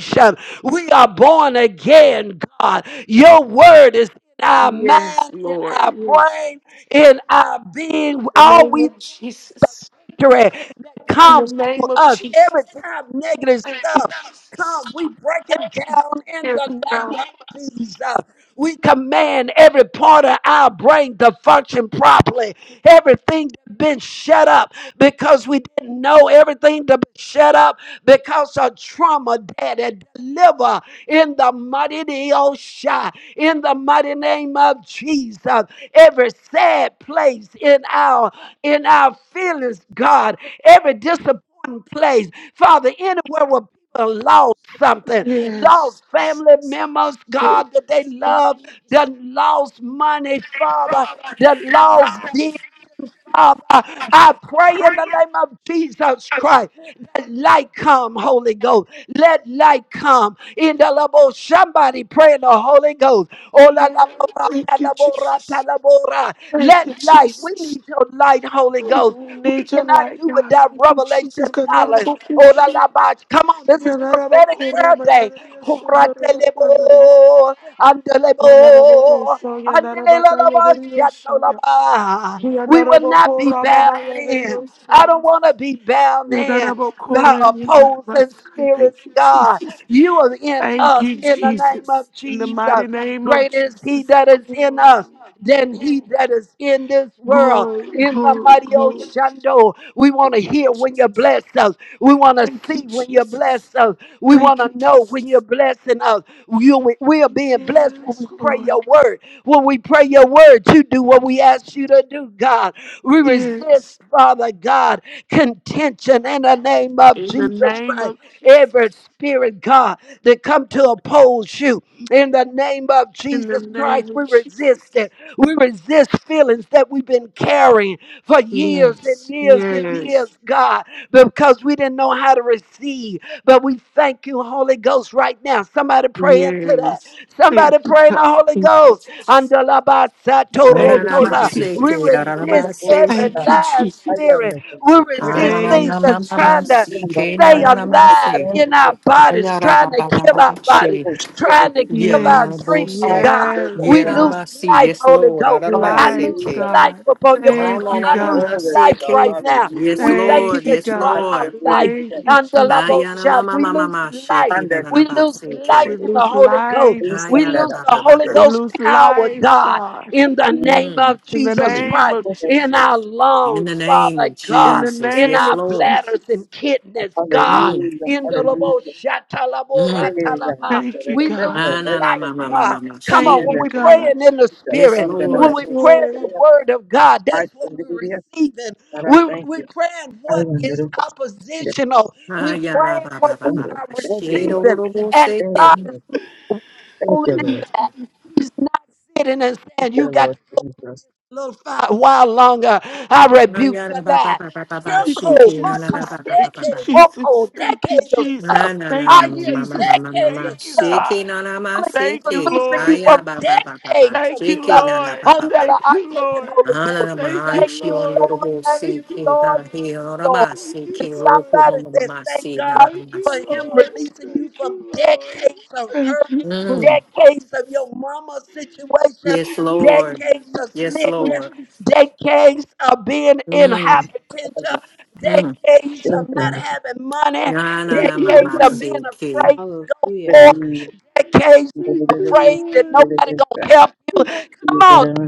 salvation. We are born again, God. Your word is in our
yes,
mind, in
Lord.
our
Yes.
brain, in our being.
In the
All
name
we
of Jesus.
victory that
In the
comes to
name of
us every
Jesus.
time negative
Thank you,
stuff
Jesus.
comes. We break it down in
Yes.
the name
God.
of Jesus. We command every part of our brain to function properly. Everything that's been shut up because we didn't know everything to be shut up because of trauma, Daddy. Deliver in the mighty Neosha, in the mighty name of Jesus. Every sad place in our in our feelings, God, every disappointing place, Father, anywhere where people lost something, lost
yes. yes.
family members, God, that they loved, that
Yes.
lost money, Father,
Father,
that lost
Lord. Thank
vision, Father. I pray in the name of Jesus Christ that light come, Holy Ghost. Let light come. In the labo, somebody pray in the Holy Ghost. Oh,
you,
la, la, bo,
Lord.
ra, ta,
Thank you,
la, bo, ra, ta,
Jesus.
la, bo, ra.
Thank
Let
you,
light. We
Jesus.
need your light, Holy Ghost. We
Need your
cannot
light,
do
God.
without
Thank you, Jesus.
revelation knowledge. Oh, la,
Kanorobokushi.
la, ba. Come on, this is prophetic
Yanarabakora
prayer day.
mayanaria
Oh, ra, te, le,
shunarabakanaria.
bo, and, de, le, bo,
Yanarabokuso
and, de, le, la, la, ba,
yanarabakayanaria
sha, to, la,
shuya.
ba. We will not be
Yanarabokora
bound in.
mamayanaria
I don't
shuya.
want to be bound in by
Yanarabokora
opposing
yanarabasai.
spirits,
Thank you,
God.
Jesus.
You are in
Thank
us
you,
in the name of
Jesus. In the
Jesus.
mighty name of
Greater is he
Jesus.
that is in
Glory,
us than he that is in this world.
glory, glory,
In the
glory.
mighty
glory.
Oshando, we want to
Thank you,
hear when you
Jesus.
bless us. We want to
Thank you,
see when you
Jesus.
bless us. We want
Thank you,
to know when you're
Jesus.
blessing us. You, we we are being blessed when
Yes,
we pray
Lord.
your word. When we pray your word, you do what we ask you to do, God. We resist,
Yes.
Father God, contention in the name of name of
In the
Jesus
name
Christ.
of Jesus.
Every spirit, God, that come to oppose you, in the name of
In the
Jesus
name
Christ,
of
we resist
Jesus.
it. We resist feelings that we've been carrying for years and
Yes.
years and
Yes.
years, God, because we didn't know how to receive. But we thank you, Holy Ghost, right now. Somebody pray into that.
Yes. Thank
Somebody
you,
pray in the
God.
Holy
Thank you,
Ghost.
Jesus. Thank you,
Toda. We
Ananamaseke,
Jesus.
resist
nananamase.
every
Thank you,
lying
I
Jesus.
spirit.
understand.
We
Really,
resist
dear.
things
Thank you,
that's trying to
Jesus.
Even
Ananamamamaseke,
though
stay
I'm
alive
nananamase.
in our bodies, trying to kill our bodies,
Ayarababababashe.
trying to kill our
Yes.
dreams,
Yananabose.
I can
God.
do the
Yes,
We
thing.
lose
God.
Yerarabasi.
life,
Yes,
Holy
Lord.
Ghost. I
Hallelujah.
Life,
lose
Ararabaseke.
life
God.
upon your
Ah,
people.
Thank
na,
you,
na,
I
na,
lose
na,
God.
Glory to
life
God.
shiki.
right now.
Hallelujah.
Yes,
We thank you
Lord.
Thank you,
that
Yes,
you are
I
God.
our
Lord.
life.
said,
Thank you,
And the
Ah
love of
ya
Jesus.
Ayana ma
God,
ma
we
ma ma,
lose
ma,
life.
shiki da
Under
da da
We
ba
the
lose
Spirit,
life
shiki.
We
in the
lose
Holy Ghost.
life.
please send
We
that
Ayana
lose
up
ba
the
ba
your
ba
Holy
ba.
We
spirit.
Ghost
lose
power,
life,
God,
God.
in the name
Mm.
of
In the
Jesus
name
Christ,
of
in
Jesus.
our
In the
lungs,
name
Father
of
In
God,
the
Jesus.
in
name
Yes,
our
of
Lord.
bladders and
Jesus.
kidneys, God,
Mm.
Hallelujah,
in the lobo
hallelujah.
shatalabo
Mm.
Hallelujah,
ratalaba.
Lord.
Thank
Let
you,
the
We lose
God.
Ah, na na
life.
ma
restoration,
ma
Lord
ma
God,
God,
ma ma,
come on.
Thank
in
she.
When
the
you,
we
name of
God.
praying in the
Jesus.
Yes,
spirit,
Son, that I
when
Yes,
we
Lord.
will
pray
spirit.
in the
Lord.
word of God,
I
that's what
can do
we're
the other.
receiving.
God, I
We
thank
we
you.
praying
I
what
am the
is
Lord.
oppositional
Ah
we're
ya Ayana
praying
ba ba
what
ba
we
ba ba.
are
Thank you,
She do
Lord.
do
receiving,
do bo
and
Thank you,
God
shiki.
is
Lord.
not
Thank you,
holding it
Lord.
back. He's not sitting and
Thank
saying, You
you,
got
Lord
to go through
Jesus.
this a little fi- while longer. I rebuke
Ayana
the
ba ba
lie.
ba ba ba ba
Thank you,
Circle,
shiki na na da,
marker,
Jesus.
ba ba ba
Thank
ba
you,
ba.
decade,
Jesus.
local,
Thank you,
decade of
Na
Jesus.
stuff.
na na
Thank
na
I
you,
hear
ma ma ma ma
Jesus.
ma ma
decade
ma
of
Thank you,
stuff.
shiki
God.
na na ma
Holy
Thank
Ghost is
you,
shiki
loosing you
Lord.
from
aya ba ba ba ba ba
decades of
Thank you,
shiki
stuff.
na na
Lord.
ba ba ba
Umbrella,
Thank
I
you,
take it,
Lord.
Holy
ah na
Ghost.
na
Thank
ma
Thank
you,
shi
you,
ondoro
Lord.
Lord.
bo
Thank
Thank
you,
you,
shiki
Lord.
Lord.
ha he ora
Lord.
ba
Thank you,
There's
shiki roku
Lord.
ma
somebody
ma ma
that
ma
thank
shi na
God
na
Thank
ma
for
you,
shi
him
Lord.
releasing you
Thank
from
you, Lord.
decades of
Thank
hurt,
you, Lord.
mm
decades of your mama's situation,
yes
Thank you,
lord
Lord.
decades of
Thank
yes
you,
sickness,
lord
Jesus.
decades of being in
mm
Thank you.
hypertension,
mm
decades of not having money,
na na na
Thank
ma
decades
ma
Thank
of being
shiki
afraid to go
Hallelujah.
forth, decades of
you,
afraid that
Lord.
nobody gonna help you. Come on,
you.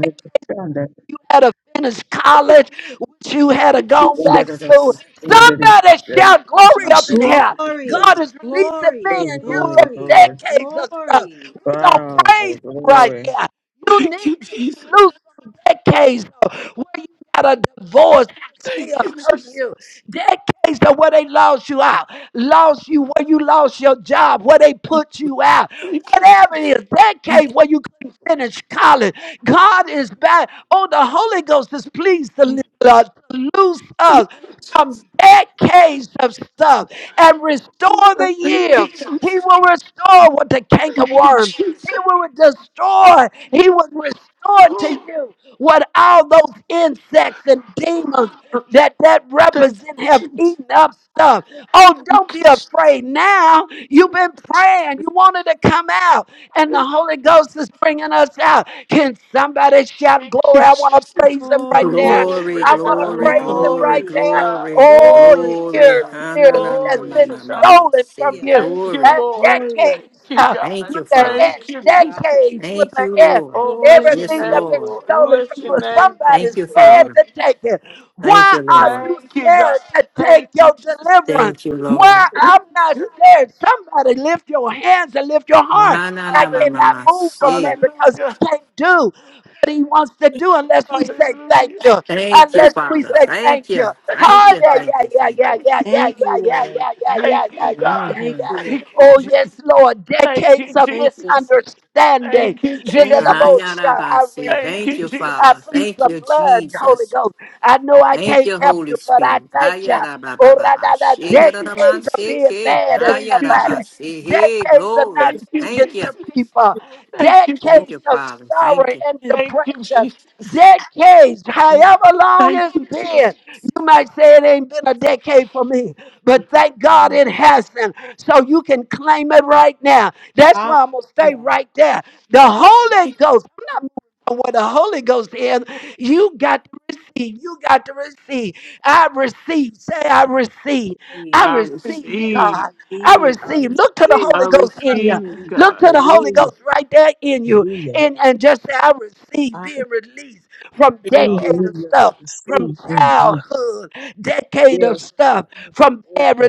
Hallelujah.
you had to finish college, wish you had to
Thank you,
gone
Yeah.
back to school.
Jesus.
Somebody
Thank
shout
you,
glory up
Jesus.
in here. God
Glory,
is releasing
glory,
me
Glory,
and you
glory,
from
glory,
glory.
decades of stuff.
glory.
We gonna
Wow,
praise him right
glory.
here. You need to be loose from decades of where you got a divorce and it's still
Thank you,
hurting you.
Jesus.
Decades of where they lost you out lost you, where you lost your job, where they put you out,
Thank you, Jesus. Thank you, Jesus.
whatever it is, that
thank you,
case where you couldn't finish college. God is back. Oh, the Holy Ghost is pleased to,
thank you,
li- uh, to loose us
Thank
from
you,
decades of stuff and
Jesus. Oh,
restore the
Thank you,
years.
Jesus.
He will restore what the canker
Thank you,
worm.
Jesus.
He will destroy. He will restore to
Oh,
you what all those insects and demons that that
Thank you,
represent have
Jesus.
eaten up stuff. Oh,
Thank you,
don't be
Jesus. Thank you,
afraid now. You've been praying. You wanted to come out, and the
Jesus.
Holy Ghost is bringing us out. Can somebody shout
Thank
glory?
you,
I want to
Jesus.
praise Him right there.
Lord.
Glory
Glory,
glory
I
to
want to
God.
glory
praise
Lord.
Him
glory
Glory
right
to
glory,
there.
God.
glory
Oh,
glory,
Glory to
glory
years,
God.
Lord,
ha na
years
na ma
that's
Glory
ma
been
glory,
to
ma ma
God.
ma
stolen from
shi
hallelujah,
you
Thank you,
uh,
glory
Lord.
glory,
Thank
decades
you,
uh,
God.
Thank
with
you,
an
Lord, glory
Father.
S,
Thank you,
to you, God,
Jesus.
decades with
Thank
an
you,
S.
Lord.
Oh,
glory
bless
to
your
Yes,
Everything
name,
that's
God,
been
Lord.
Lord.
stolen
glory
Bless
from
to
your
you,
you, God,
name,
somebody's
Thank you,
Jesus.
scared
glory.
Father.
to take it.
Thank
Why
you,
Yes,
are
Lord.
you
Thank you, God.
scared to take
Thank you,
your
Jesus.
deliverance?
Thank you,
Why
Lord.
I'm not scared. Somebody lift your hands and lift your heart.
Na, na,
I
na, ma, ma,
Hallelujah.
cannot
ma,
move from
si.
that because
Hallelujah.
he can't do what he wants to do unless we say thank
Hallelujah.
you.
Thank you,
Unless
Thank you,
we
Father.
God.
say thank
Thank
you.
you.
Thank
Oh,
Thank
you,
you.
yeah,
God.
Thank
yeah,
you.
yeah,
Thank
yeah,
you.
Thank you.
yeah, yeah,
Thank
yeah,
you,
yeah,
Lord,
yeah, yeah,
thank
yeah,
Thank
yeah,
you,
you,
yeah,
God.
yeah,
thank
Mm-hmm.
you,
yeah.
Lord,
Thank you,
Oh, yes,
Jesus.
Lord,
Thank you,
decades of
thank you,
Jesus.
misunderstanding.
Thank you,
In
thank
the
you, Lord.
Jesus.
most I
Ayarabasi.
Thank
Thank
you,
receive.
you,
I
Father.
Jesus.
plead
Thank
the
you,
blood, Holy
Jesus.
Ghost. I know I
Thank
can't
you,
help
Holy
you, but I
Spirit.
thank you. Oh, ra- ra- ra,
Ayarabababasi.
Thank you,
decades of being
Jesus.
mad at
Thank you,
somebody,
Jesus.
Ayarabasi. Hey,
decades of not
glory.
thank
Thank you,
speaking
Thank you.
Jesus.
to people,
you,
Thank
thank
you,
you, Lord.
Thank
decades
you,
of
Jesus.
Father. Thank
sorrow
you.
and
Yes,
Thank you,
depression,
Jesus.
decades,
Thank you.
however long
Thank
it's
you,
been.
Jesus.
You might say it ain't been a decade for me, but thank God
Lord.
it hasn't so you can claim it right now. That's why
Hallelujah,
I'm going to
Thank you,
stay right there. The Holy
thank
Ghost, I'm not moving from what the Holy Ghost is. You got to receive. You got to receive. I receive. Say, I receive.
I
I
receive,
I
receive,
I
receive.
God. I
receive.
I
receive. Look to the
receive.
Holy
I
Ghost
I
in you.
receive,
receive.
Look
God.
to the
you,
Holy
Hallelujah.
Ghost right there in you.
Hallelujah.
And, and just say, I receive
Ah,
being released from
thank God.
decade of
Hallelujah. I
stuff, from
receive. mm
childhood, decade of
Yes.
stuff
I thank
from
you. Oh
bad
God.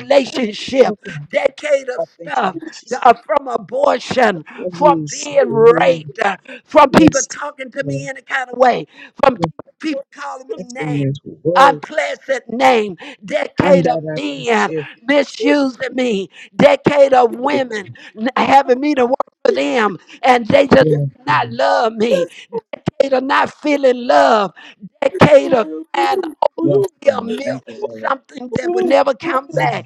Oh God.
decade
I
of
thank you.
stuff,
Lord Jesus.
uh, from abortion,
What
from
is
being
hallelujah?
raped, uh, from people
Yes.
talking to
Lord.
me any kind of way, from
Yes.
Lord,
people calling me
That's the
names.
man's word.
Unpleasant name,
And
decade of
that I can
men
say.
misusing
Yes.
me, decade of women
God.
n- having me to work for them, and they just
Yes,
not love me,
yes,
decade of not feeling love,
Lord.
decade of
Oh, oh,
crying
Yes.
a
God. Thank
milk,
you,
something
oh,
that will
oh,
never come
Lord.
back.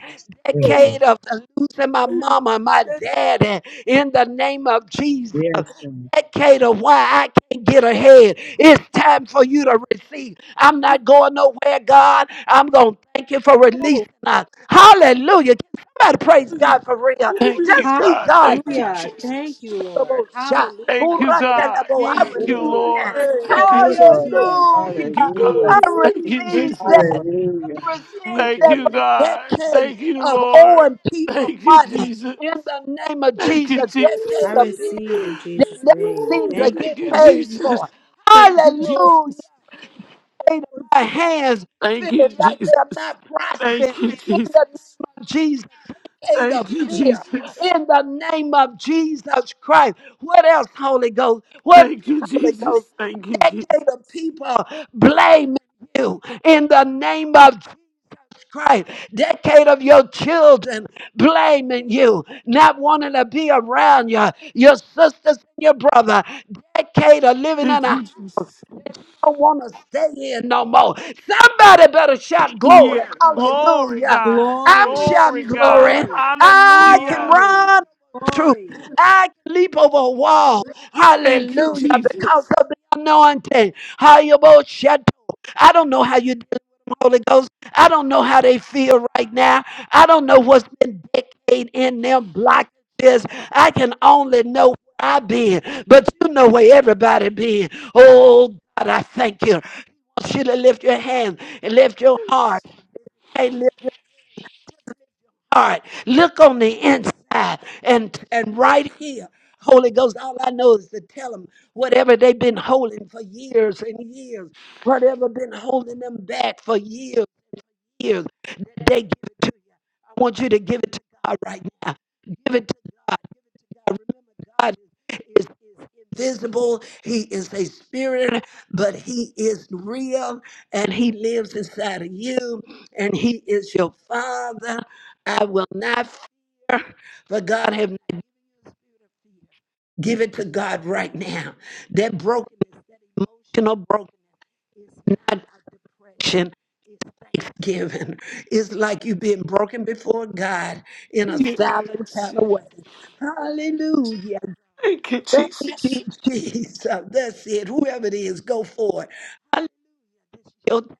Yes,
oh,
God.
Decade of the losing my
oh,
mama, my
yes, yes,
daddy, in the name of Jesus.
Yes, God.
Decade of why I can't get ahead. It's time for you
Lord.
to receive. I'm
Oh,
not going nowhere, God. I'm going to thank you for
oh,
releasing us. Hallelujah. Can somebody praise
please,
God for real?
Thank
please,
you,
Just see
God.
God.
Thank you,
Hallelujah, thank
Jesus.
you, Lord,
shot.
hallelujah,
Thank you,
Lord.
God.
thank
I
Thank
you,
you,
Ooh,
receive
Lord,
that.
Lord.
Yes,
Thank
Thank
I
you,
you,
Jesus.
Lord.
Lord.
receive
God.
Thank you,
Hallelujah.
Oh,
in
God.
Hallelujah.
I
Jesus'
Thank
name,
you,
please.
receive
thank you,
Jesus.
that
Lord.
Hallelujah.
receive
Thank
Thank
that
you,
you.
from
God.
decade
Thank you,
of
Lord.
owing people
Thank you,
money
Jesus.
in the name of
Thank
Jesus.
you,
Oh,
I
Jesus.
Decade of bills
receive
oh,
in
oh.
that
Jesus'
oh,
never
name.
seem to
Thank
oh,
Thank
get
you,
oh,
you,
Lord.
paid
Jesus.
for.
Thank you,
Oh,
Hallelujah.
Jesus.
Lord
My
Jesus.
hands
Thank
feeling
you,
like
Jesus.
they're not
Thank
prospering
you,
in the
Jesus.
name of Jesus. Decade of
Thank you,
fear
Jesus.
in the name of Jesus Christ. What else, Holy Ghost? What
Thank you,
else, Holy
Jesus.
Ghost?
Thank you, Jesus.
Decade of people blaming you in the name of Christ, decade of your children blaming you, not wanting to be around you, your sisters and your brother, decade of living in
Thank
a I
you, Jesus.
don't want to stay in no more. Somebody better shout glory.
Yeah. Glory,
Hallelujah.
God.
I'm
Glory,
Glory,
shouting
God.
glory.
glory,
I can
Hallelujah.
glory,
run truth.
glory.
I can leap over a wall.
Thank you,
Hallelujah. Because
Jesus.
of the anointing. How you both shut I don't know how you do. Holy Ghost. I don't know how they feel right now. I don't know what's been decayed in them blockages. I can only know where I've been, but you know where everybody been. Oh God, I thank you. I want you to lift your hand and lift your heart.
Yes.
Hey, lift your heart. Look on the inside and and right here. Holy Ghost, all I know is to tell them whatever they've been holding for years and years, whatever been holding them back for years years that they give it to you. I want you to give it to God right now. Give it to God. Give it to God. Remember, God is, is invisible. He is a spirit, but He is real and He lives inside of you and He is your Father. I will not fear, for God have not. give it to God right now. That brokenness, that emotional brokenness. It's not a depression. It's thanksgiving. It's like you've been broken before God in a
Thank
silent kind of way. Hallelujah.
you,
Thank
Jesus.
you, Jesus. That's it. Whoever it is, go for it. Hallelujah. Your-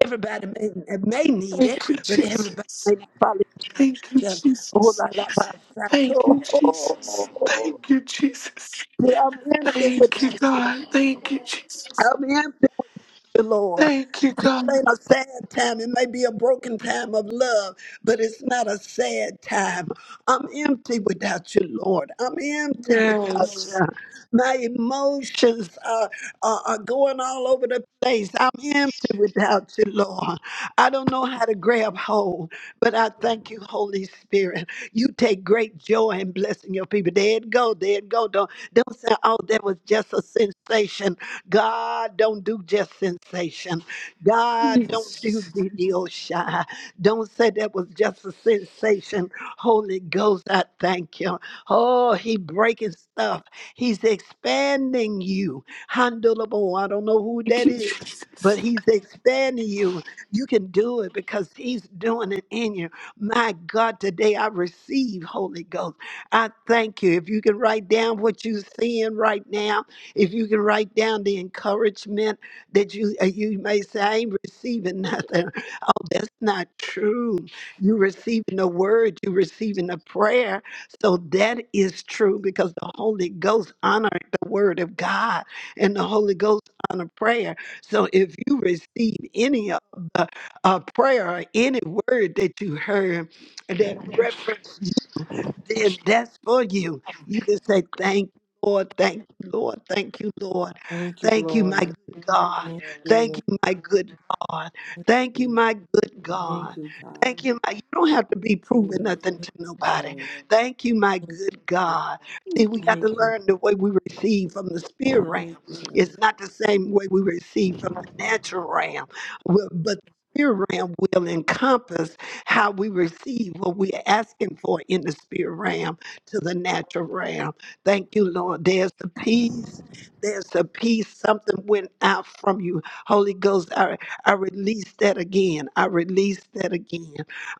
Everybody may, may need it,
Thank you,
but everybody
Jesus.
may not follow
Thank you,
instruction. Oh,
Jesus.
la, la, la, la, to-
Thank you,
oh, oh,
Jesus.
oh, oh.
Thank you, Jesus.
See, i empty
Thank you,
without you.
God. Thank you, Jesus.
I'm empty without you, Lord.
Thank you,
This
God.
ain't a sad time. It may be a broken time of love, but it's not a sad time. I'm empty without you, Lord. I'm empty without
Yes.
you. My emotions are, are, are going all over the place. I'm empty without you, Lord. I don't know how to grab hold, but I thank you, Holy Spirit. You take great joy in blessing your people. There it go. There it go. Don't, don't say, oh, that was just a sensation. God don't do just sensation. God don't do
Yes.
video shy. Don't say that was just a sensation. Holy Ghost, I thank you. Oh, he breaking stuff. He's expanding you. Handleable. I don't know who
Thank
that
you,
is. But
Jesus.
he's expanding you. You can do it because he's doing it in you. My God, today I receive Holy Ghost. I thank you. If you can write down what you're seeing right now, if you can write down the encouragement that you uh, you may say, I ain't receiving nothing. Oh, that's not true. You're receiving a word, you're receiving a prayer. So that is true because the Holy Ghost honored the word of God and the Holy Ghost honor prayer. So if you receive any of the uh, prayer or any word that you heard that reference then that's for you. You can say, Thank you, Lord. Thank you, Lord. Thank you, Lord.
Thank you,
Thank you, my
Lord.
good God.
Thank you,
Thank
Lord.
you, my good God.
Thank
Thank you,
you,
my good
Thank
God.
you, God.
Thank you, my. You don't have to be proving
Hallelujah. Thank
nothing to
you,
nobody.
Lord.
Thank you, my
Thank
good
you, Lord.
God. See, we got to
Thank you,
learn the way we receive from the spirit
thank
realm.
you, Lord.
It's
Thank
not the same way we receive from the natural realm, Well, but the spirit realm will encompass how we receive what we're asking for in the spirit realm to the natural realm. Thank you, Lord. There's the peace. There's the peace. Something went out from you. Holy Ghost, I, I release that again. I release that again.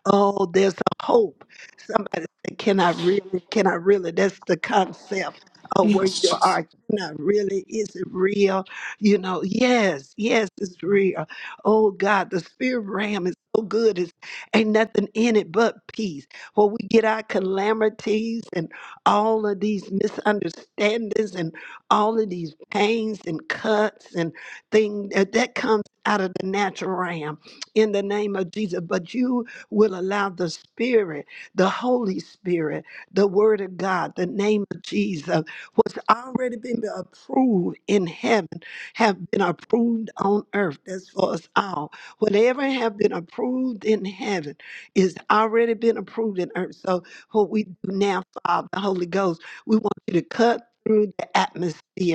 Oh, there's a hope. Somebody say, Can I really? Can I really? That's the concept of where
Yes.
you
Jesus.
are. Can I really? Is it real? You know, yes, yes, it's real. Oh God, the spirit realm is so good. It's Ain't nothing in it but peace. Where we get our calamities and all of these misunderstandings and all of these pains and cuts and things that that comes out of the natural realm in the name of Jesus. But you will allow the Spirit, the Holy Spirit, the Word of God, the name of Jesus, what's already been approved in heaven, have been approved on earth. That's for us all Whatever have been approved in heaven is already been approved in earth. So what we do now, Father, the Holy Ghost, we want you to cut through the atmosphere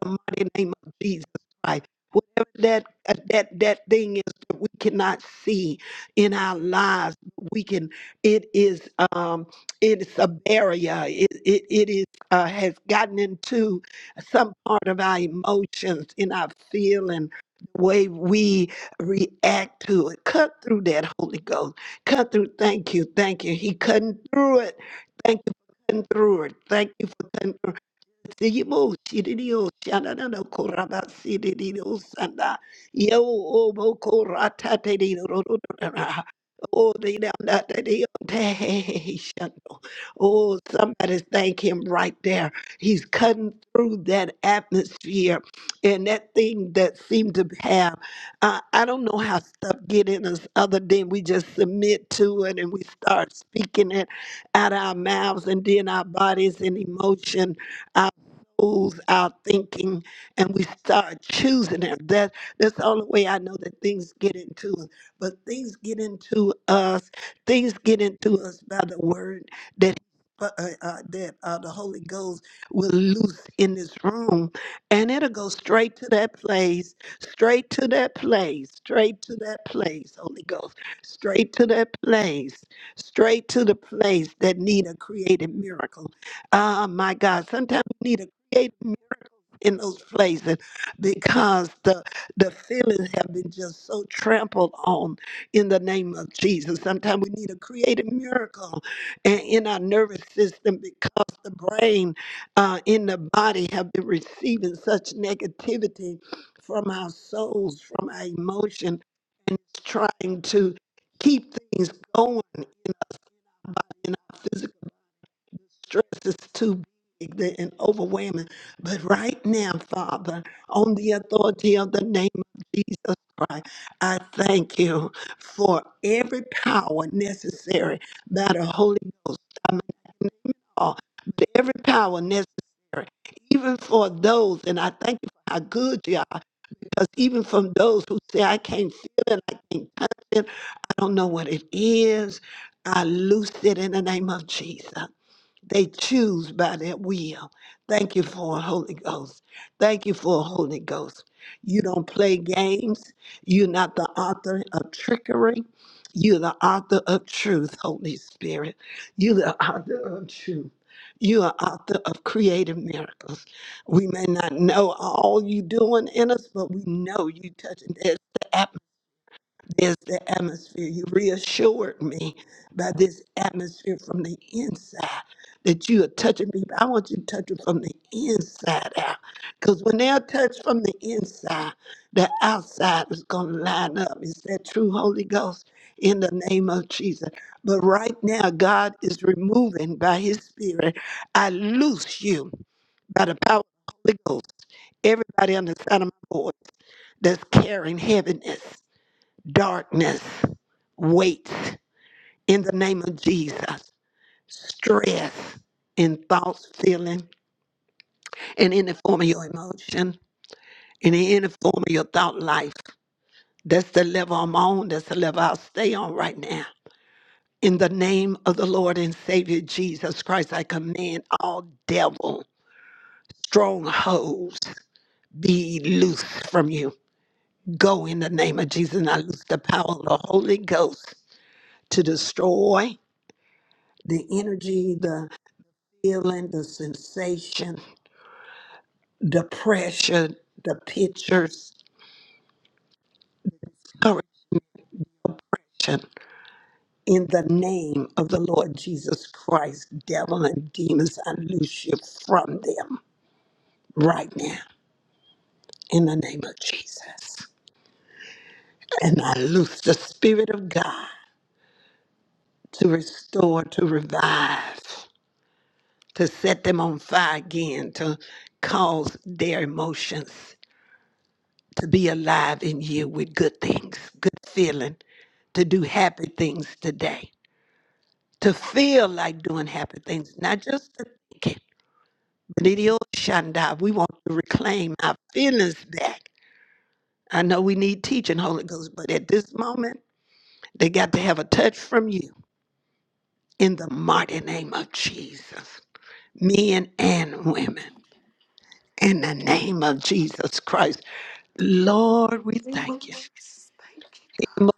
the mighty name of Jesus Christ. Whatever that uh, that that thing is that we cannot see in our lives, we can. It is um, it's a barrier. It it, it is uh, has gotten into some part of our emotions, in our feeling, the way we react to it. Cut through that, Holy Ghost. Cut through. Thank you, thank you. He cutting through it. Thank you for cutting through it. Thank you for cutting through. Yimo Shiridio Shanana Koraba Siridio Sanda Yo Obo Korata Dedi Rodora Oh they down that they did. Hey, Shando Oh somebody thank him right there. He's cutting through that atmosphere and that thing that seemed to have uh, I don't know how stuff get in us other than we just submit to it and we start speaking it out our mouths and then our bodies and emotion moves our thinking and we start choosing it. That that's the only way I know that things get into us. But things get into us. Things get into us by the word that uh, uh, uh, that uh, the Holy Ghost will loose in this room, and it'll go straight to that place, straight to that place, straight to that place. Holy Ghost, straight to that place, straight to the place that need a creative miracle. Ah, my God, sometimes we need a create miracles in those places because the the feelings have been just so trampled on in the name of Jesus. Sometimes we need a creative miracle and in our nervous system because the brain uh, in the body have been receiving such negativity from our souls, from our emotion, and it's trying to keep things going in our physical stress is too big and overwhelming. But right now, Father, on the authority of the name of Jesus Christ, I thank you for every power necessary by the Holy Ghost. I mean, all, but every power necessary, even for those, and I thank you for how good you are, because even from those who say, I can't feel it, I can't touch it, I don't know what it is, I loose it in the name of Jesus. They choose by their will. Thank you for a Holy Ghost. Thank you for a Holy Ghost. You don't play games. You're not the author of trickery. You're the author of truth, Holy Spirit. You're the author of truth. You are author of creative miracles. We may not know all you doing in us, but we know you touching this there's the atmosphere. You reassured me by this atmosphere from the inside that you are touching me. I want you to touch them from the inside out. Because when they're touched from the inside, the outside is going to line up. It's that true Holy Ghost in the name of Jesus. But right now, God is removing by his spirit. I loose you by the power of the Holy Ghost. Everybody on the side of my voice that's carrying heaviness darkness, weights in the name of Jesus, stress in thoughts, feeling, and any form of your emotion, and in any form of your thought life. That's the level I'm on. That's the level I'll stay on right now. In the name of the Lord and Savior Jesus Christ, I command all devil strongholds be loose from you. Go in the name of Jesus, and I loose the power of the Holy Ghost to destroy the energy, The feeling, the sensation, the pressure, the pictures, correction. In the name of the Lord Jesus Christ, devil and demons, I loose you from them right now. In the name of Jesus. And I loose the Spirit of God to restore, to revive, to set them on fire again, to cause their emotions to be alive in you with good things, good feeling, to do happy things today, to feel like doing happy things, not just to think it. But it is Shanda, we want to reclaim our feelings back. I know we need teaching, Holy Ghost, but at this moment, they got to have a touch from you in the mighty name of Jesus, men and women, in the name of Jesus Christ. Lord, we
Name of
thank you.
Jesus. Thank you, God.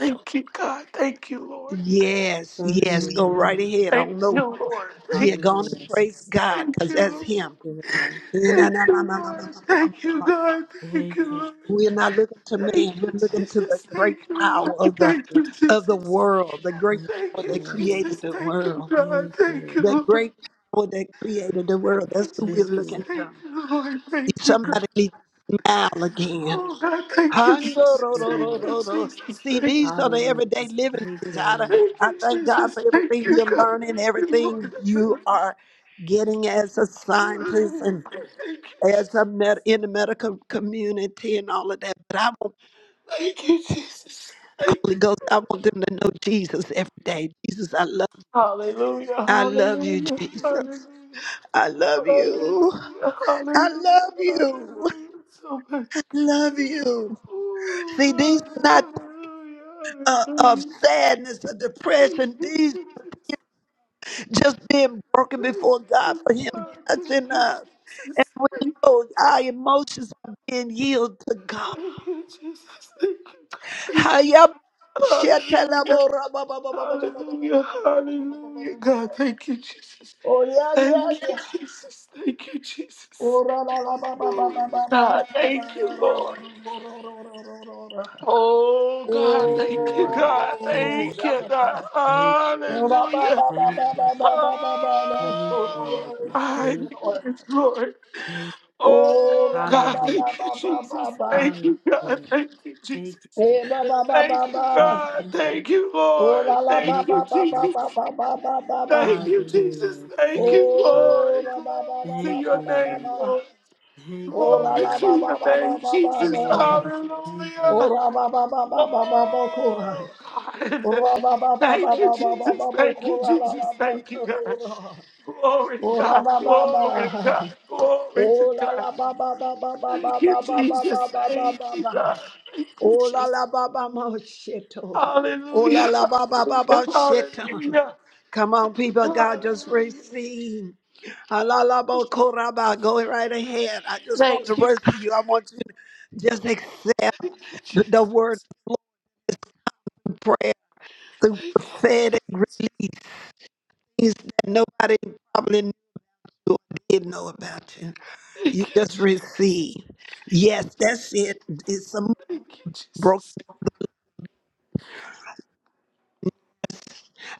Thank you, God. Thank you, Lord.
Yes,
you, Lord. Hallelujah. Thank
yes, go right ahead. I
Thank
don't know.
you, Lord.
Yeah,
Thank
go
you,
on and praise
Jesus.
God
Thank
because
you,
that's
Lord.
Him.
you, Lord.
We're
Thank you, Lord. Thank you, God.
Thank
Thank you,
you,
Lord.
Jesus.
not looking to
Thank
man. We're
you,
looking
Hallelujah.
to the
Jesus.
great
Thank you, Lord.
power of the
Thank you, Jesus.
of the world, the great
Thank
Thank
power
you,
you,
that
Lord.
Jesus.
created the
Thank you,
world,
God.
Thank you,
Thank
Lord.
you,
the
Lord.
great
Thank
power that created the world.
you,
That's who we're
Thank you,
Jesus.
Lord.
looking
Thank
to.
you, Lord. Thank you,
Thank
God.
Somebody needs to smile again.
Oh, God. Thank you, Jesus.
you,
Thank
Lord.
you,
Hondo-ro-ro-ro-ro-ro.
Jesus.
See,
Thank you.
these are the
Hallelujah.
everyday living
Thank
things.
you,
I,
Lord.
Thank
I
you,
thank God
Jesus.
for
Thank
everything
you,
you're
God.
learning,
Thank you,
everything you
Lord.
are getting as a scientist
Oh,
and
Thank you,
as a
Jesus.
med- in the medical community and all of that. But I want
Thank you, Jesus.
the
Thank
Holy Ghost. I
you.
want them to know Jesus every day. Jesus, I love, you.
Hallelujah.
I love you,
Hallelujah.
Jesus.
Hallelujah.
I love you.
Hallelujah.
I
Hallelujah.
love you.
Hallelujah. So much.
I love you.
Oh
See, these
God,
are not
hallelujah,
uh, of sadness or
hallelujah.
depression. These.
Thank you, Jesus.
just being broken
Thank
before God
you,
for Him
God. Thank
touching
you, Jesus.
us. And we
Thank you,
know our
Jesus.
emotions are being yielded to God.
Thank you, Jesus. Thank you,
Hayab-
God. Thank you.
Shetelabo-
Hallelujah. Hallelujah. Hallelujah. God, thank you, Jesus.
Oh, yeah,
Thank
yeah,
you,
yeah.
Jesus. Thank you, Jesus.
Oh, ra, la, la, ba, ba, ba,
Oh,
ba, ba, ba, ba,
God,
ba, ba. ra,
thank you,
ra, ra, ra, ra,
Lord.
ra, ra, ra, ra, ra.
Oh, God,
Thank you,
thank you,
Lord.
God.
Thank
Oh,
you.
Thank
la,
you,
la, ba.
God.
Thank you.
Ba, ba, ba,
Hallelujah.
ba,
Thank you.
ba, ba, ba, ba, ba, ba. ra,
Thank
so, ra, ra,
you,
ra,
Oh,
Lord.
ra,
Thank
God,
you.
ra.
yes, glory.
Thank
Oh,
Oh,
ba ba
God,
ba
Hallelujah.
ba
thank you,
ba ba ba
Jesus.
ba.
Thank you, God.
Hallelujah.
Thank you,
Thank
Jesus.
you,
Hey,
Lord.
ba ba ba
Thank
ba
you,
ba.
Thank
God.
you.
Thank you,
Oh, la
Lord.
la ba
Thank
Thank
you,
ba ba ba
you.
Jesus.
ba ba ba ba ba ba.
Thank you, Jesus.
Hallelujah.
Thank
Thank
you,
you, Lord.
Oh,
Lord.
la ba ba
Glory
ba
to
ba
Thank
ba
your
ba
you,
ba
Lord.
name,
ba.
Lord.
Thank
Oh,
you,
la
Glory
la
to
ba
Lord.
ba
your
ba ba ba
name,
ba
Jesus.
ba.
Hallelujah. Thank you, Lord.
Oh,
Hallelujah.
la ba ba ba ba ba ba ba kora.
Oh,
Oh,
God.
la ba ba ba ba
Thank you,
ba ba ba
Jesus.
ba ba
Thank you,
kora la
Jesus.
la ba
Thank you, God.
kora.
Glory to
Oh, la
God.
ba ba ba.
Glory to God. Glory to
Oh, la
God.
la ba ba ba ba ba ba
Thank you,
ba ba
Jesus.
ba ba ba ba.
Thank you, God.
ba. Oh la
Jesus.
la ba ba ma sheto. Ola
Hallelujah.
la la ba ba ba
Hallelujah.
ba sheta.
Hallelujah.
Come on, people, God, just
Hallelujah.
receive. Alalabo koraba. Go right ahead. I just want to
Thank you.
rescue you. I want you to just accept
Thank
the the word of prayer through prophetic release. Things that nobody probably knew or did know about you.
you.
You just receive. Yes, that's it. It's a
Thank you,
broken.
Jesus.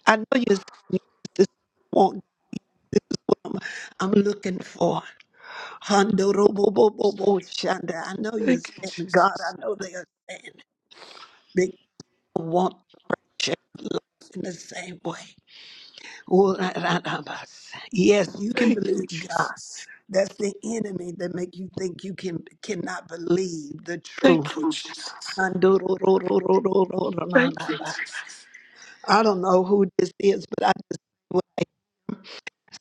I know you said you I'm looking for Hondo Robo Robo Shanda. I know you
Thank you,
saying God.
Jesus.
I know they are saying they want just in the same way. All that other bus. Yes, you can
Thank you,
believe God.
Jesus.
That's the enemy that make you think you can cannot believe the
Thank
truth.
you, Jesus.
Hondo Robo Robo Robo All
Thank you,
that bus.
Jesus.
I don't know who this is, but I just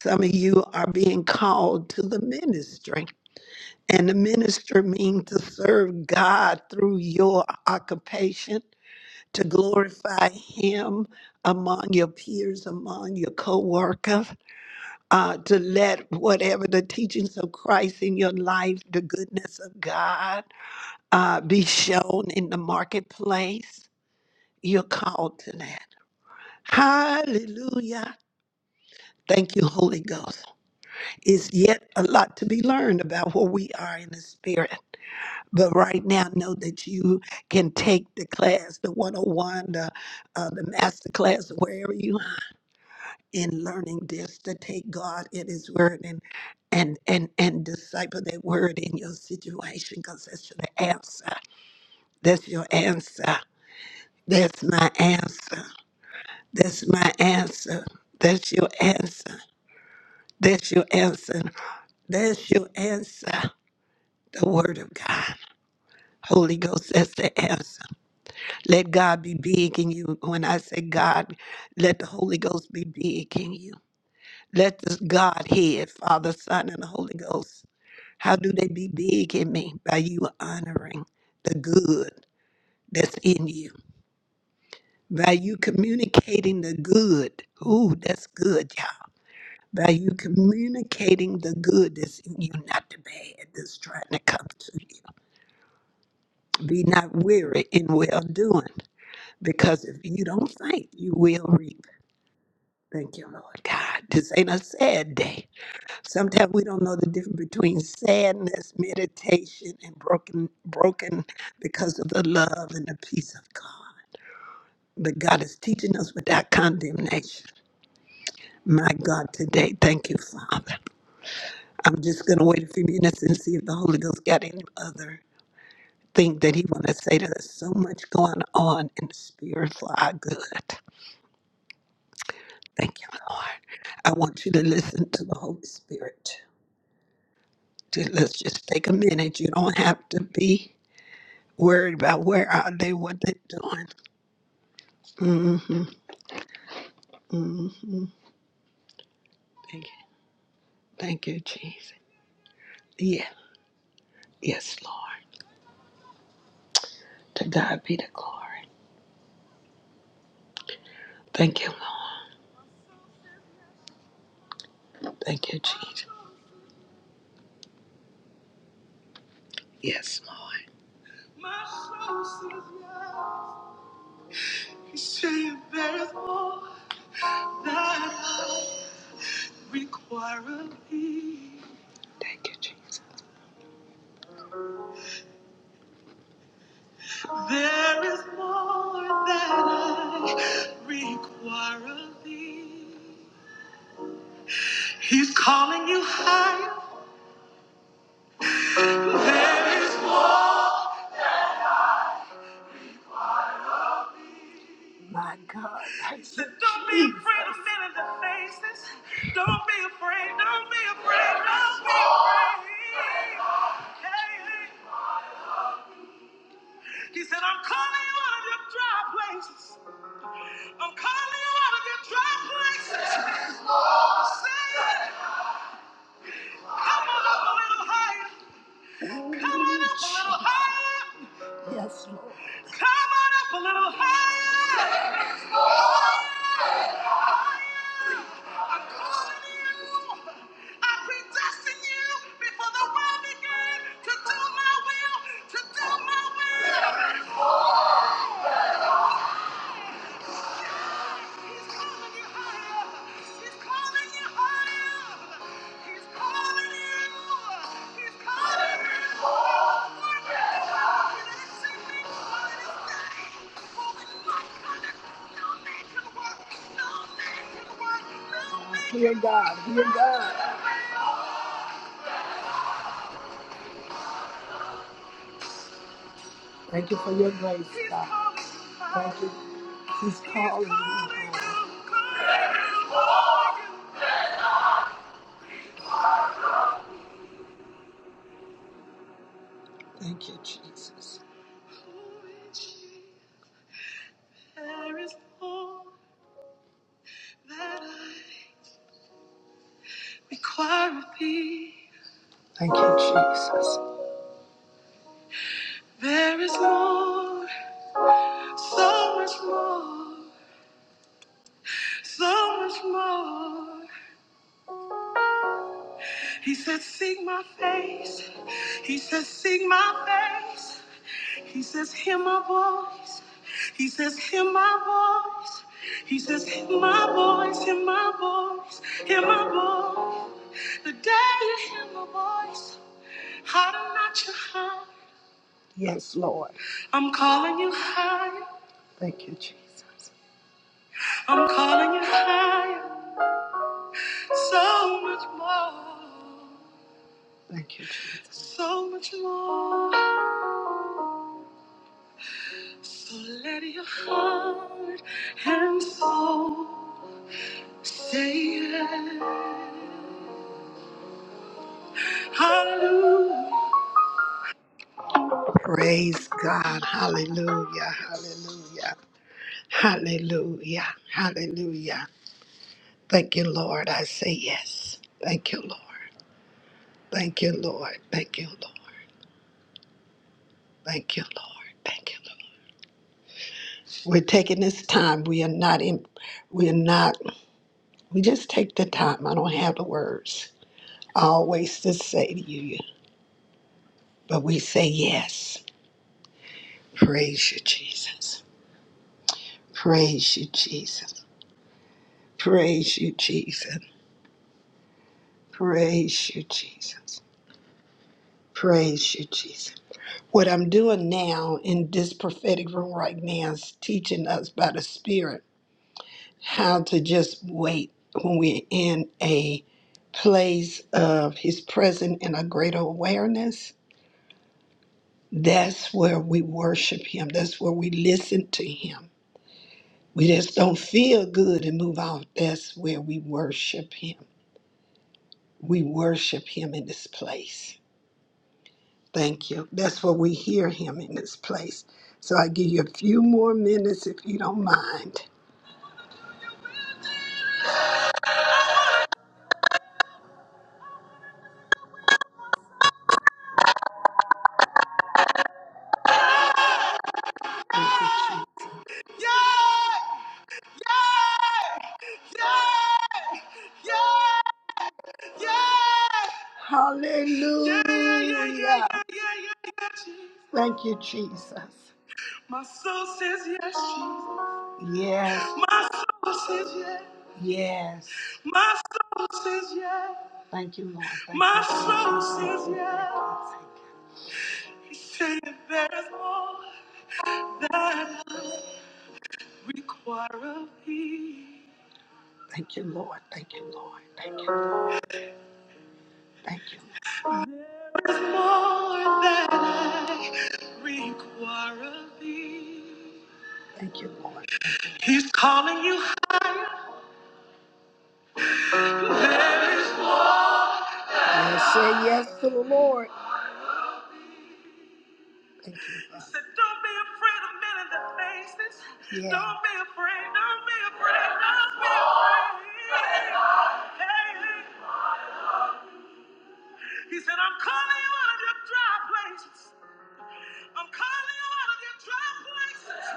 some of you are being called to the ministry. And the minister means to serve God through your occupation, to glorify Him among your peers, among your co workers, uh, to let whatever the teachings of Christ in your life, the goodness of God, uh, be shown in the marketplace. You're called to that. Hallelujah. Thank you, Holy Ghost. It's yet a lot to be learned about where we are in the Spirit. But right now, know that you can take the class, the 101, the, uh, the master class, wherever you are in learning this, to take God in His Word and and and and disciple that Word in your situation, because that's your answer. That's your answer. That's my answer. That's my answer. That's your answer. That's your answer. That's your answer. The Word of God. Holy Ghost, that's the answer. Let God be big in you. When I say God, let the Holy Ghost be big in you. Let this Godhead, Father, Son, and the Holy Ghost, how do they be big in me? By you honoring the good that's in you. By you communicating the good. Ooh, that's good, y'all. By you communicating the good that's in you, not the bad that's trying to come to you. Be not weary in well doing, because if you don't faint, you will reap Thank you, Lord God. This ain't a sad day. Sometimes we don't know the difference between sadness, meditation, and broken, broken because of the love and the peace of God. But God is teaching us without condemnation. My God, today, thank you, Father. I'm just gonna wait a few minutes and see if the Holy Ghost got any other thing that He want to say to us. So much going on in the spirit for our good. Thank you, Lord. I want you to listen to the Holy Spirit. to let's just take a minute. You don't have to be worried about where are they, what they're doing. Mm-hmm. Thank you. Thank you, Jesus. Yeah. Yes, Lord. To God be the glory. Thank you, Lord. Thank you, Jesus. Yes, Lord. You say that I require of thee. Thank you, Jesus. There is more that I require of thee. He's calling you higher. There is My God. So Don't be afraid of Jesus. men in the faces. Don't be afraid. Don't be afraid. Don't be afraid. Hey, He said, I'm calling you out of your dry places. I'm calling you out of your dry places. Say it. Come on up a little higher. A little higher. Come on up a little higher. I'm calling you. I predestined you before the world began to do my will, to do my will. He's calling you higher. He's calling you higher. He's calling you. He's calling you. You didn't see me for this day. For with my conduct, no man can work. No man can work. No man. He's calling you higher. Thank you, Jesus. Thank you, Jesus. How much more? He said, Seek my face. He says, Seek my face. He says, Hear my voice. He says, Hear my voice. He says, Hear my voice. Hear my voice. Hear my voice. The day you hear my voice, harden not your heart. I'm calling you higher. Thank you, Jesus. I'm calling you higher. So much more. Thank you, Jesus. So much more. So let your heart and soul say yes. Hallelujah. Praise God. Hallelujah. Hallelujah. Hallelujah. Hallelujah. Thank you, Lord. I say yes. Thank you, Lord. Thank you, Lord. Thank you, Lord. Thank you, Lord. Thank you, Lord. We're taking this time. We are not in. We are not. We just take the time. I don't have the words always to say to you, but we say yes. Praise you, Jesus. Praise you, Jesus. Praise you, Jesus. Praise you, Jesus. Praise you, Jesus. What I'm doing now in this prophetic room right now is teaching us by the Spirit how to just wait when we're in a place of His presence and a greater awareness That's where we worship Him. That's where we listen to Him. We just don't feel good and move on. That's where we worship Him. We worship Him in this place. Thank you. That's where we hear Him in this place. So I give you a few more minutes if you don't mind. Thank you, Jesus. Yeah! Yeah! Yeah! Yeah! Yeah. Yeah, yeah, yeah, yeah, Hallelujah. yeah, yeah, yeah, yeah, Thank you, Jesus. My soul says yes, Jesus. Yes, My soul says yes. yes. My soul says yes. Thank you, Lord. Thank My you. soul says yes. God. Thank you. He's saying there's more that I require of thee. Thank you, Lord. Thank you, Lord. Thank you. Thank you. There is more that I require of thee. Thank you, Lord. He's calling you. There is more. Yes, say yes to the Lord. Thank you, Father. He said, Don't be afraid of men in the faces. Yeah. Don't be afraid. Don't be afraid. Don't be afraid. Hey, hey. he said, I'm calling you out of your dry places. I'm calling you out of your dry places.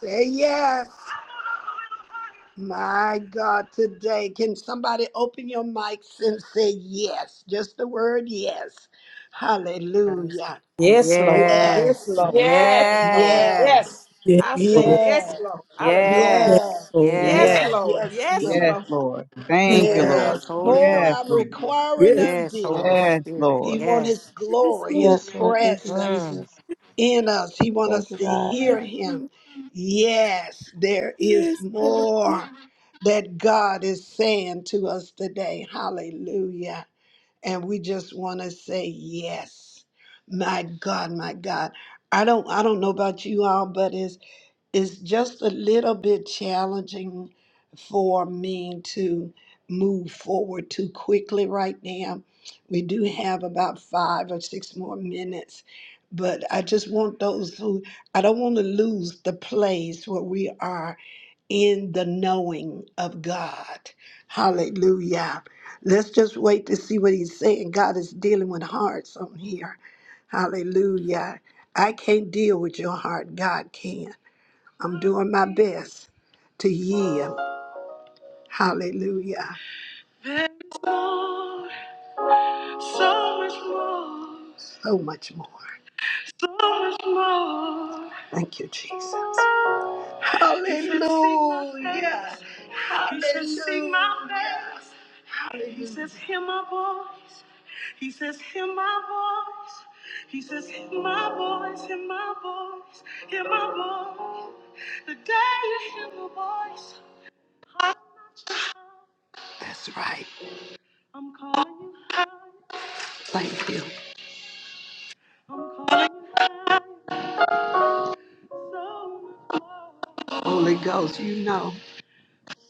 Say yes. My God, today, can somebody open your mics and say yes? Just the word yes.
Yes,
Hallelujah.
Yes, Lord.
Yes,
Yes,
Yes,
Lord. Yes,
Yes.
Lord.
yes,
yes,
Yes.
Yes,
I say
Lord.
yes,
yes,
Lord. Hallelujah.
Yes,
yes,
yes,
Lord.
Yes,
Yes,
yes,
yes,
Lord.
yes,
Yes,
yes,
yes.
Lord.
Lord.
Yes,
Thank you, Lord.
yes,
Yes.
Holy
More
Yes,
Ghost,
I'm
Lord.
requiring
yes,
of
yes,
thee.
Holy
Yes,
Spirit,
He
Lord.
want his
yes.
yes,
glory, his
Lord.
Yes, Lord. Thank you,
presence.
Mm.
Jesus.
in us. He wants
Thank
us
you,
to
God.
Yes,
hear him.
Lord.
Yes, there is
Yes, Lord. Yes,
more that God is saying to us today. Hallelujah. And we just want to say yes. My God, my God. I don't I don't know about you all, but it's it's just a little bit challenging for me to move forward too quickly right now. We do have about five or six more minutes, but I just want those who, I don't want to lose the place where we are in the knowing of God. Hallelujah. Let's just wait to see what he's saying. God is dealing with hearts on here. Hallelujah. I can't deal with your heart. God can. I'm doing my best to yield. Hallelujah. There's more, so much more, So much more. so much more. Thank you, Jesus. Hallelujah. face. You should see my praise." Hallelujah. He says, Hear my voice. He says, Hear my voice. He says, Hear my voice. Hear my voice. Hear my voice. The day you hear my voice. That's right. I'm calling you higher. Thank you. I'm calling you higher. So much more. Holy Ghost, you know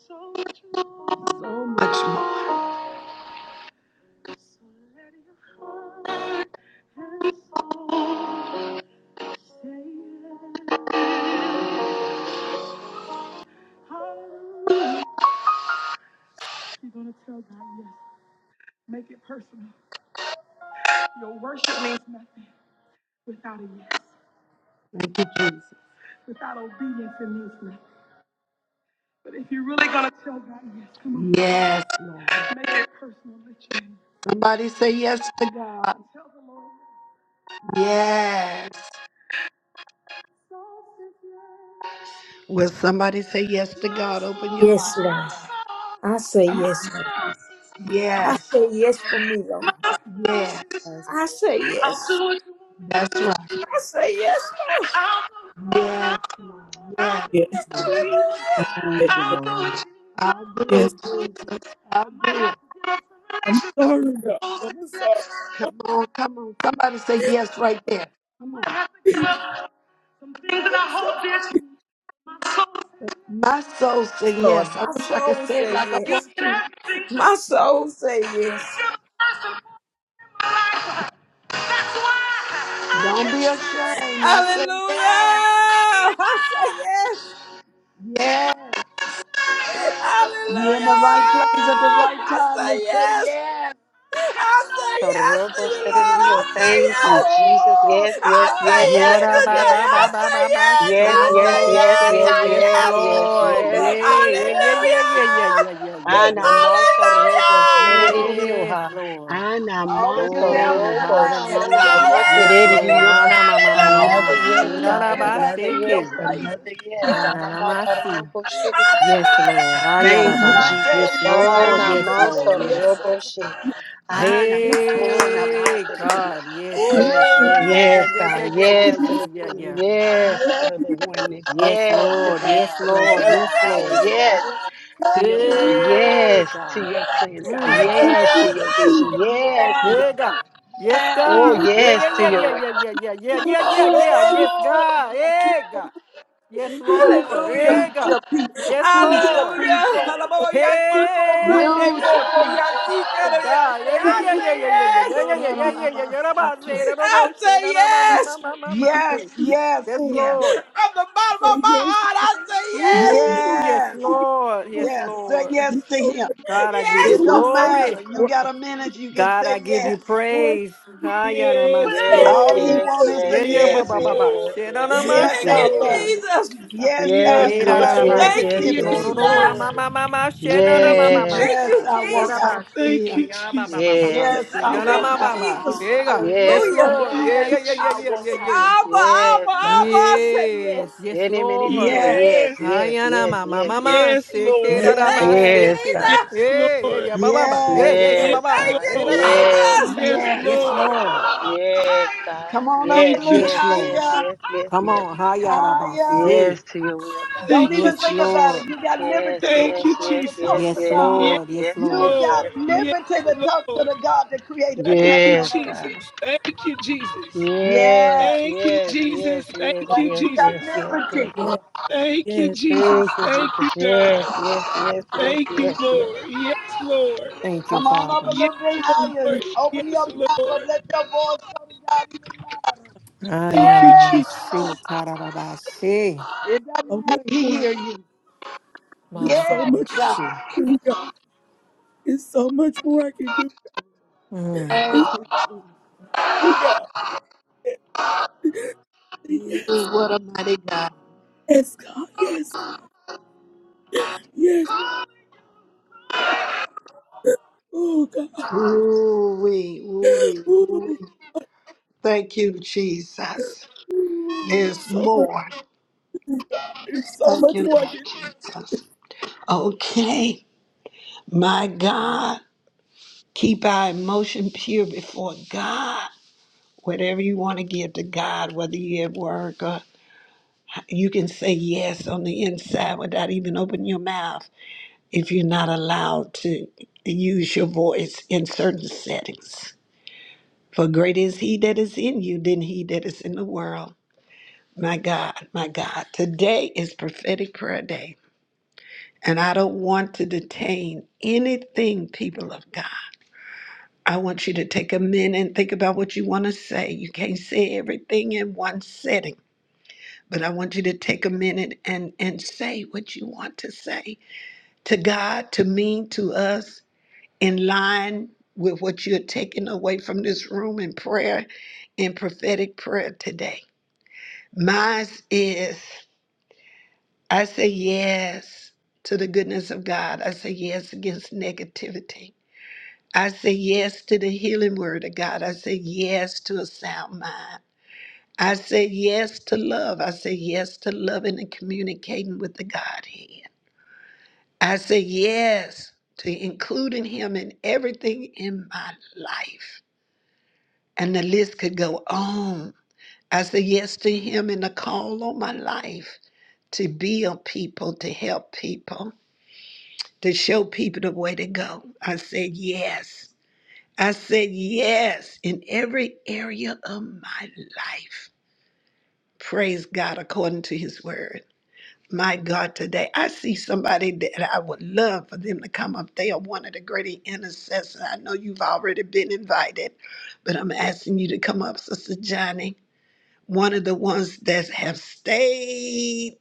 So much more. so much more. So let your heart and soul. Thank you, Jesus. Yes, Lord. Somebody say yes to God. Yes. Will somebody say yes to God? Open your mind.
Yes, Lord. I say yes, Lord. I
Yes.
say yes for me, Lord.
Yes.
yes,
I say yes.
That's right.
I say yes, Lord.
Yes, yes.
yes,
Lord.
I-
Hallelujah.
yes.
Thank you,
Lord.
Lord.
I'll do it,
Yes.
Jesus. I'll do it.
I'm sorry, God. I'm sorry.
Come on, come on. Somebody say yes right there.
I'm sorry.
My soul
Yes,
said yes.
Lord,
I
my
wish I could
soul
say it
say
like I
yes.
want to.
My soul say yes.
Don't be ashamed. I say
Hallelujah.
yes.
I say yes.
Yes. You're in the
Hallelujah.
right place at the right
I
time to
say
say
yes.
yes.
I say yes to you, Lord. I
Korobostereo.
say
Thank you,
yes.
Jesus.
Oh,
Yes,
I
yes,
say
God,
yes,
I
Yeah,
yes
yes,
say
ba
yes.
today.
yes,
ba
I
ba
God.
ba
say
ba ba.
yes.
Yes,
I
Shono no
say
yes,
bo
yes,
yes.
say
yes,
I
yes,
yes,
yes.
yes,
Lord.
Oh,
yes,
I
yes,
say
Yeah,
yes,
yeah,
yes.
yeah,
yes,
Hallelujah.
yeah,
yes.
yeah, yeah, yeah, yeah, yeah.
Ana
yeah.
maso robo
Hallelujah.
Yes,
sererioha.
Lord.
Ana
All of you
maso
down
Glory,
in the
robo
lounge,
shana
say
hallelujah.
yes.
Yes,
Glory.
Lord.
masererioha.
Glory.
Ana ma ma ma ma
All
ma.
Another
of
Hallelujah.
yes,
you
Shira
God.
in
ba
the
Another
se
in your
ke.
yes.
place,
Another yes.
Yes,
yes.
Ana
Ana
na ma
mato
si.
robo sererioha.
Yes,
Hallelujah.
Lord.
Thank
Ayala
When
you,
I
Baba.
Jesus.
said
Yes,
yes
Ha
to
Lord.
me, you
Yes, Lord.
namasa
said
Yes.
yes to me.
roboshe. Ah,
yes, yes,
namato
Hey,
namasa didiya.
God. Yes,
yes,
yes.
Oh
Lord.
Yeah,
Glory.
yeah, yeah,
Yes,
yes,
yeah, yeah,
God.
yeah,
yes,
yeah,
Yes to
I'm
yeah,
sorry.
the
yeah,
feeling.
yeah.
Yes to the oneness.
Yes,
Yes to
Lord.
the
Yes,
Thank
Lord.
you,
Yes,
indwelling power.
Lord.
Jesus.
Yes to your word.
Hey,
Yes to
God.
your plans, God.
Mm.
Thank you,
But
Yes to
Lord,
your
Jesus.
you
vision.
got
Yes to
yes,
your
Yeah,
day.
God. Yes,
yes.
me.
Oh,
God.
Yes,
yes
Yeah, yeah,
to
yeah,
your way.
yeah, yeah, yeah, yeah,
Lord,
yeah, yeah, yeah,
Lord,
yeah.
you
Yes, God. Hey, God. Yes,
can do it.
Lord.
Hallelujah.
Use
Hey,
I'm
your
God.
people,
Yes,
use your
Lord.
Hallelujah.
people,
sorry.
Hey
Lord,
Alababayasiko
you know.
use
randebo
your
boyasika
God,
reyase.
yeah, yeah,
I
yeah,
Yes,
yeah,
say
yeah, yeah, yeah, yeah,
yes.
yeah, yeah, yeah,
yes,
yeah, yeah, yeah. Rabbi
people.
say, da, da,
I
bo, say,
say
da, da, ma, ma, ma,
yes.
ma, ma, ma,
I-
Yes,
say.
yes,
yes,
Yes,
Lord.
yes,
Lord.
From the bottom
Say
of my
Yes,
heart, I say yes.
Ooh, yes,
yes,
yes.
Lord.
Lord.
Yes,
yes. Say
Lord.
You're
yes to
so
him.
much,
God, I give you
It
Yes,
doing
don't
Lord.
so much
matter.
glory.
You
more.
got a minute. You can
God,
say
I
so
give
much
you
yes.
more.
praise. Ah, yeah, na, ma,
Yes,
You're
say,
Yes,
All
Lord.
so
he
King.
much
yes,
wants is
yes,
Yeah,
a
yeah,
yes,
ba,
yes.
Yes,
ba, ba,
yes,
ba.
yes,
Lord.
Say, da,
yes,
da, ma,
yes,
Yes,
Yes,
Thank
I
yes,
you,
say,
Lord.
King.
love
God.
you.
Jesus.
Yes,
Yes,
I
Yes,
Eh,
come
da,
yes,
da,
out
da,
of
Lord.
ba,
yes,
Thank you,
yes,
si, ko,
yes,
Yes,
yes,
negativity.
do, do,
God.
ma,
Lord.
Lord.
ma,
Jesus.
ma, ma, ma, she, na, na, ma,
Thank you,
ma, ma,
Yes,
Thank
si,
Jesus.
Yes,
you,
God.
I
da,
walk
da,
out
Jesus.
of
ba, si,
Thank
fear.
ki,
you,
ya, ba, ba, ba, ba,
Jesus.
ba,
Yes,
Yes.
she,
I
na,
Thank
Thank,
na,
you,
walk
ma, ba,
out of
ba.
Jesus.
Yeah, God. Yes,
Yes,
Hallelujah.
fear.
God.
Lord.
thank
Yeah,
Yes,
yeah,
you,
yeah, yeah,
I,
yeah, yeah,
Jesus.
yeah.
Abba, Abba,
Yes, God.
Abba, I say yes.
Yes, yes,
Many, many, many, oh,
Lord.
yes,
Yes,
Yes,
yes,
Hayana
yes,
ma
yes,
mama
yes.
yes,
seke
Lord.
da da ba
Thank you,
Yes,
yes,
seke.
Yes,
God.
Jesus.
yeah hey,
Lord.
ya ba ba ba. Hey,
yes,
hey, yeah ya
Yes,
ba
Yes,
ba.
Thank you,
God.
Hey, da
Lord.
da ba.
Yes,
si.
Jesus.
God.
Yes,
Yes,
yes.
Lord.
Lord.
Yes, God.
Come on up a
Yes,
Thank
little
you,
Yes,
yes,
Lord.
yes,
Jesus.
higher,
yes, yes,
Come
yes.
on, hayana ba
higher.
se.
Yes to your will, God.
Don't
Thank you,
even
Yes,
think about it.
Lord.
Jesus.
You got liberty
Yes,
in this
Thank
yes,
you,
room
yes,
to
yes,
talk
Jesus.
to
Yes,
yes,
God.
Yes,
yes,
Lord. Yes,
yes,
You
yes,
Lord.
got
Lord.
yes, yes.
Yes,
liberty to talk to
Lord.
the God that created the
Thank
heaven
you,
and
Yes,
earth.
Jesus.
God.
Thank you, Jesus.
Yes,
Yes,
Thank you,
yes, yes,
Jesus.
yes,
more.
Thank
like
you,
yes,
you
yes,
got
yes,
Jesus.
yes, yes.
liberty.
Yeah,
yes.
Thank you,
yeah.
Jesus.
Thank you,
Thank you,
Jesus.
God.
Yes, yes, yes, yes,
Thank you,
yes, yes.
Lord. Yes, Lord.
Thank you,
Come on up a
Father.
Yes,
little bit higher.
Lord.
There's
Open your
Yes,
mouth and
Lord.
let your voice go to God even louder.
Thank you,
Yes,
Jesus.
Lord.
Ayanamasi, tararabasi,
It
so
doesn't
much
matter. He
more. I
hear you.
can do, so
Yes,
much
God.
mabababamshi.
to God. There's so much more I can do.
Mm.
Thank
It's you, God.
you.
Yes,
Ooh, what a mighty God.
yes, God. Yes, God. Yes. Oh, God.
Ooh wee, ooh wee, ooh
Ooh,
wee. Thank you, Jesus.
ooh,
There's
so much,
more.
to God. It's so
Thank
much
you,
more I can
Lord
do.
Jesus. Okay, my God, keep our emotion pure before God. whatever you want to give to God, whether you're at work or you can say yes on the inside without even opening your mouth if you're not allowed to use your voice in certain settings. For greater is he that is in you than he that is in the world. My God, my God. Today is prophetic prayer day. And I don't want to detain anything, people of God. I want you to take a minute and think about what you want to say. You can't say everything in one setting. But I want you to take a minute and, and say what you want to say to God, to me, to us, in line with what you're taking away from this room in prayer, in prophetic prayer today. Mine is I say yes to the goodness of God. I say yes against negativity. I say yes to the healing word of God. I say yes to a sound mind. I say yes to love. I say yes to loving and communicating with the Godhead. I say yes to including him in everything in my life. And the list could go on. I say yes to him in the call on my life to build people, to help people, to show people the way to go. I said yes. I said yes in every area of my life. Praise God according to his word. My God, today I see somebody that I would love for them to come up. They are one of the great intercessors. I know you've already been invited, but I'm asking you to come up, Sister Johnny. One of the ones that have stayed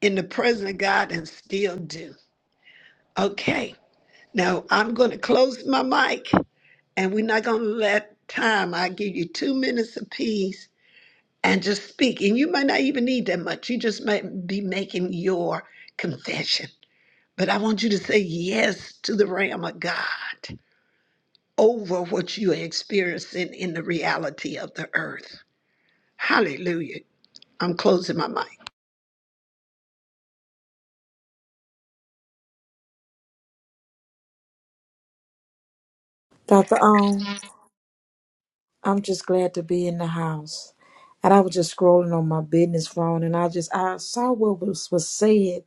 in the presence of God and still do. Okay, now I'm going to close my mic and we're not going to let time. I give you two minutes apiece and just speak. And you might not even need that much. You just might be making your confession. But I want you to say yes to the Ram of God over what you are experiencing in the reality of the earth. Hallelujah. I'm closing my mic.
Dr. O. I'm just glad to be in the house. And I was just scrolling on my business phone and I just I saw what was, was said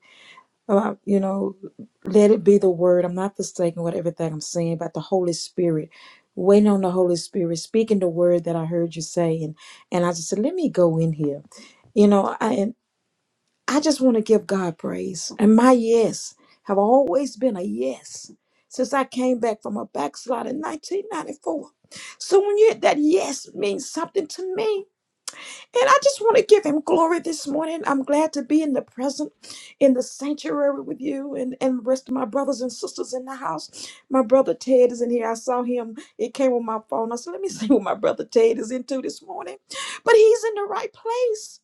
about, you know, let it be the word. I'm not mistaken with everything I'm saying about the Holy Spirit. Waiting on the Holy Spirit, speaking the word that I heard you say and and I just said, Let me go in here. You know, I I just want to give God praise. And my yes have always been a yes since I came back from a backslide in 1994. So when you that yes means something to me. And I just want to give him glory this morning. I'm glad to be in the present, in the sanctuary with you and, and the rest of my brothers and sisters in the house. My brother Ted is in here. I saw him. It came on my phone. I said, let me see what my brother Ted is into this morning. But he's in the right place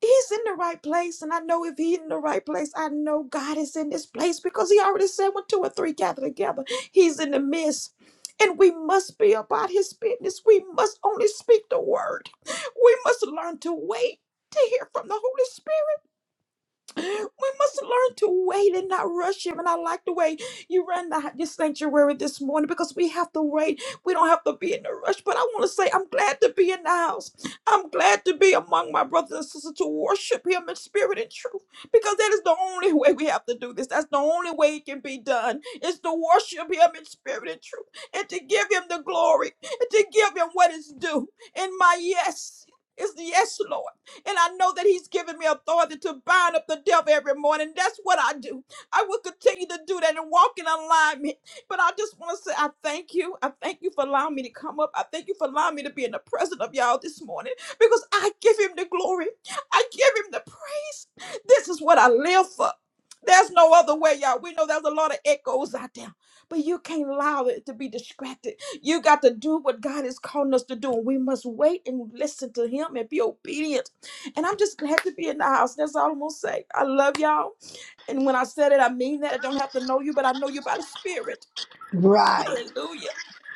he's in the right place. And I know if he's in the right place, I know God is in this place because he already said when two or three gather together, he's in the midst. And we must be about his business. We must only speak the word. We must learn to wait to hear from the Holy Spirit. We must learn to wait and not rush him. And I like the way you ran the, this sanctuary this morning because we have to wait. We don't have to be in a rush. But I want to say, I'm glad to be in the house. I'm glad to be among my brothers and sisters to worship him in spirit and truth because that is the only way we have to do this. That's the only way it can be done is to worship him in spirit and truth and to give him the glory and to give him what is due. And my yes is yes, Lord. And I know that He's given me authority to bind up the devil every morning. That's what I do. I will continue to do that and walk in alignment. But I just want to say I thank you. I thank you for allowing me to come up. I thank you for allowing me to be in the presence of y'all this morning because I give Him the glory, I give Him the praise. This is what I live for. There's no other way, y'all. We know there's a lot of echoes out there, but you can't allow it to be distracted. You got to do what God is calling us to do. We must wait and listen to Him and be obedient and I'm just glad to be in the house. That's all I'm gonna say. I love y'all. And when I said it, I mean that. I don't have to know you, but I know you by the Spirit.
Right.
Hallelujah.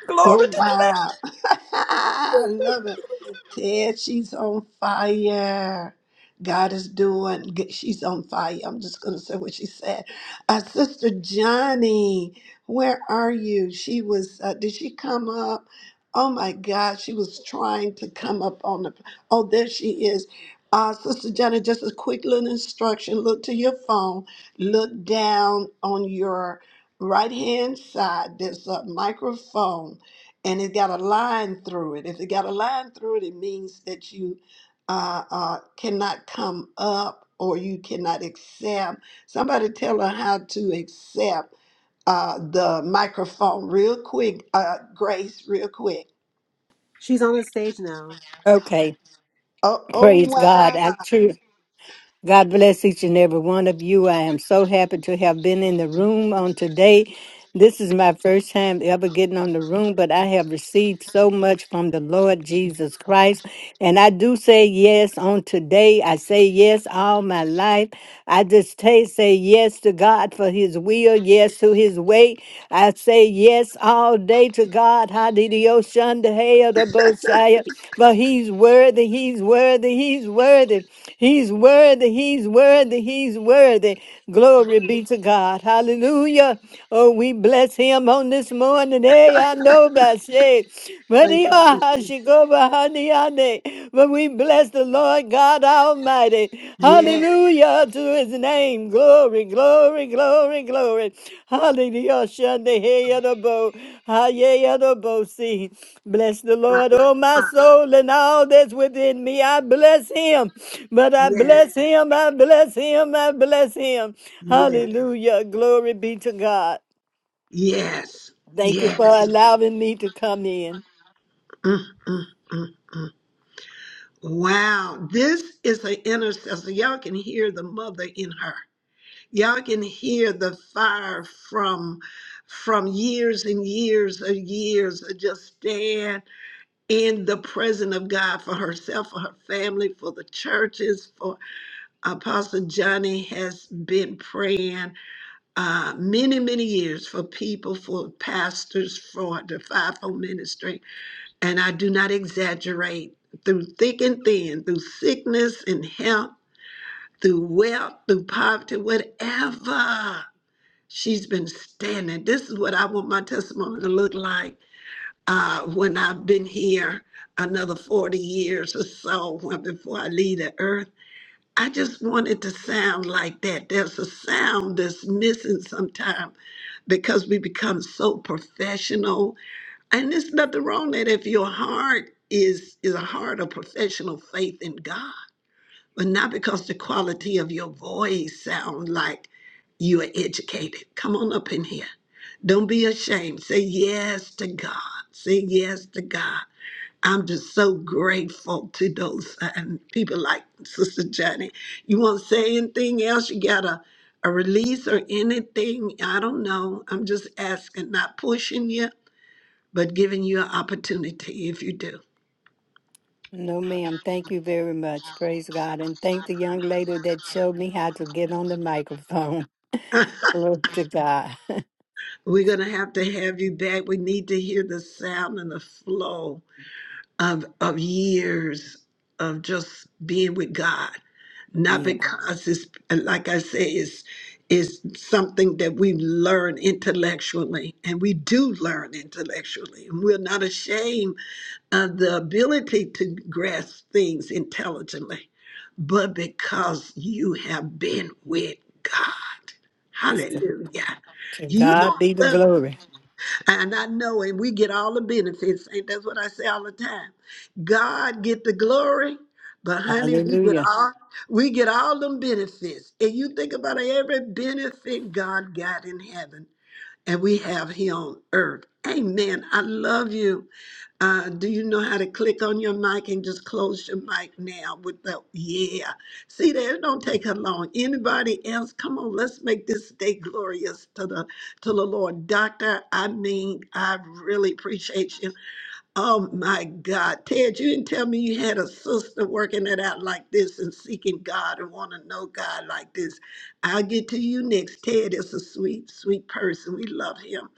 Glory
Oh
to
wow. I
the
love it. Ted, she's on fire. God is doing good. She's on fire. I'm just gonna say what she said. Uh, Sister Johnny, where are you? She was uh, did she come up? Oh my God, she was trying to come up on the oh there she is. Uh, Sister Johnny, just a quick little instruction. Look to your phone, look down on your right hand side. There's a microphone and it got a line through it. If it got a line through it, it means that you uh, uh, cannot come up or you cannot accept. Somebody tell her how to accept uh, the microphone real quick, uh, Grace, real quick.
She's on the stage now.
Okay,
Oh, oh
praise God.
wow.
I true. God bless each and every one of you. I am so happy to have been in the room on today. This is my first time ever getting on the room, but I have received so much from the Lord Jesus Christ. And I do say yes on today. I say yes all my life. I just ta- say yes to God for his will, yes to his way, I say yes all day to God. Hallelujah. But he's worthy, he's worthy, he's worthy. He's worthy, he's worthy, he's worthy. Glory be to God. Hallelujah. Oh, we bless him on on this morning. Hey, I know about say, but
Thank
he
you.
ah,
Jesus.
ah, she go behind the honey. But we bless the Lord God Almighty.
Yes,
Hallelujah to his name. Glory, glory, glory, glory. Hallelujah. Shande hey adabo. Ah, yeah, adabo. See, bless the Lord, oh my soul, and all that's within me. I bless him. But I
yes,
bless him. I bless him. I bless him.
yes,
Hallelujah. Glory be to God.
yes,
Thank you for
yes.
allowing me to come in.
Mm, mm, mm, mm. Wow. This is an intercessor. Y'all can hear the mother in her. y'all can hear the fire from from years and years of years of just staying in the presence of God for herself, for her family, for the churches, for Apostle Johnny has been praying uh, many, many years for people, for pastors, for the fivefold ministry. And I do not exaggerate through thick and thin, through sickness and health, through wealth, through poverty, whatever. She's been standing. This is what I want my testimony to look like uh, when I've been here another 40 years or so when, before I leave the earth. I just want it to sound like that. There's a sound that's missing sometimes because we become so professional. And there's nothing wrong that if your heart is is a heart of professional faith in God but not because the quality of your voice sound like you are educated. Come on up in here. Don't be ashamed. Say yes to God. Say yes to God. I'm just so grateful to those uh, and people like Sister Johnny. You want to say anything else? You got a, a release or anything? I don't know. I'm just asking, not pushing you, but giving you an opportunity if you do.
No, ma'am. Thank you very much. Praise God. And thank the young lady that showed me how to get on the microphone. Glory to God.
We're going to have to have you back. We need to hear the sound and the flow of, of years of just being with God. Not
Yes.
because it's, like I say, it's, it's something that we learn intellectually, and we do learn intellectually. And we're not ashamed of the ability to grasp things intelligently, but because you have been with God.
To
Hallelujah.
to
You
God
know,
be the glory.
and I know, and we get all the benefits. And that's what I say all the time. God get the glory, but honey, we get
Hallelujah.
all we get all them benefits. And you think about every benefit God got in heaven and we have here on earth. Amen. I love you. Uh, do you know how to click on your mic and just close your mic now with the yeah? See there, it don't take her long. Anybody else? Come on, let's make this day glorious to the to the Lord. Doctor, I mean, I really appreciate you. Oh my God, Ted, you didn't tell me you had a sister working it out like this and seeking God and want to know God like this. I'll get to you next. Ted is a sweet, sweet person. We love him.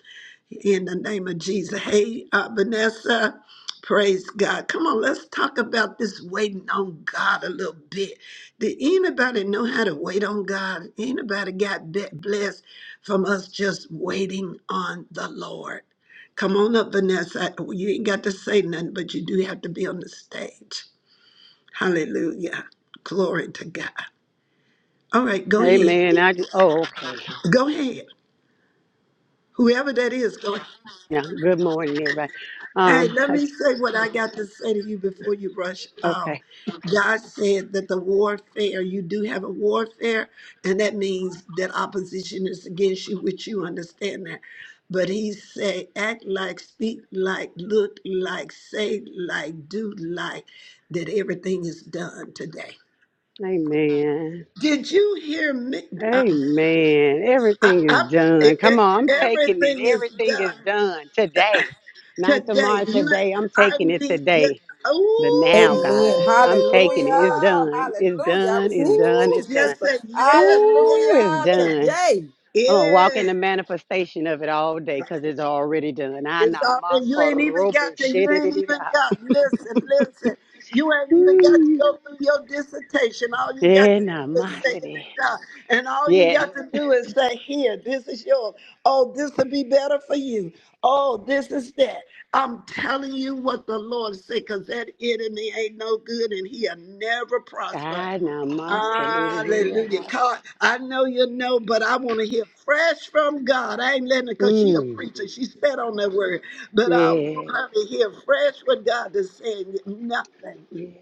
In the name of Jesus. Hey, uh, Vanessa, praise God. Come on, let's talk about this waiting on God a little bit. Did anybody know how to wait on God? Anybody got be- blessed from us just waiting on the Lord? Come on up, Vanessa. You ain't got to say nothing, but you do have to be on the stage. Hallelujah. Glory to God. All right, go ahead.
Amen. I just, oh, okay.
Go ahead. Whoever that is, go ahead.
Now, good morning, everybody.
Hey,
Um,
let
I,
me say what I got to say to you before you rush out.
okay.
God said that the warfare, you do have a warfare, and that means that opposition is against you, which you understand that. But he said, act like, speak like, look like, say like, do like, that everything is done today.
Amen.
Did you hear me? I,
Amen.
I,
Everything
I,
is done.
e-
Come
e-
on, I'm
every,
taking it. Everything
uh,
is done today, not
today,
tomorrow.
you,
Today, I'm
I
taking it
mean,
today. The now, God,
Amen.
I'm
Hallelujah.
taking it.
ooh.
It's done. It's
Hallelujah. I
done. It's
received it
done.
with
Ooh,
you,
It's done.
just
sister.
say yes,
Ooh,
yes,
it's
Hallelujah.
yes.
done.
Today.
I'm gonna walk
Yeah.
in the manifestation of it all day because it's already done.
It's
Ana
all and you
masa
ain't even
robo
got to you ain't
shedidida.
even got listen, listen. You ain't even got to
Mm.
go through your dissertation. All you got to do
Ena
is say it's
masidi.
done. And all you
Yes.
got to do is say, here, this is yours. Oh, this will be better for you. Oh, this is that. I'm telling you what the Lord said, because that enemy ain't no good and he'll never prosper.
Ana masa
Hallelujah.
dididida.
God, I know you know, but I want to hear fresh from God. I ain't letting her because she a
Mm.
preacher. She spit on that word. But I want
Yeah.
her to hear fresh what God is saying. Nothing.
Yes.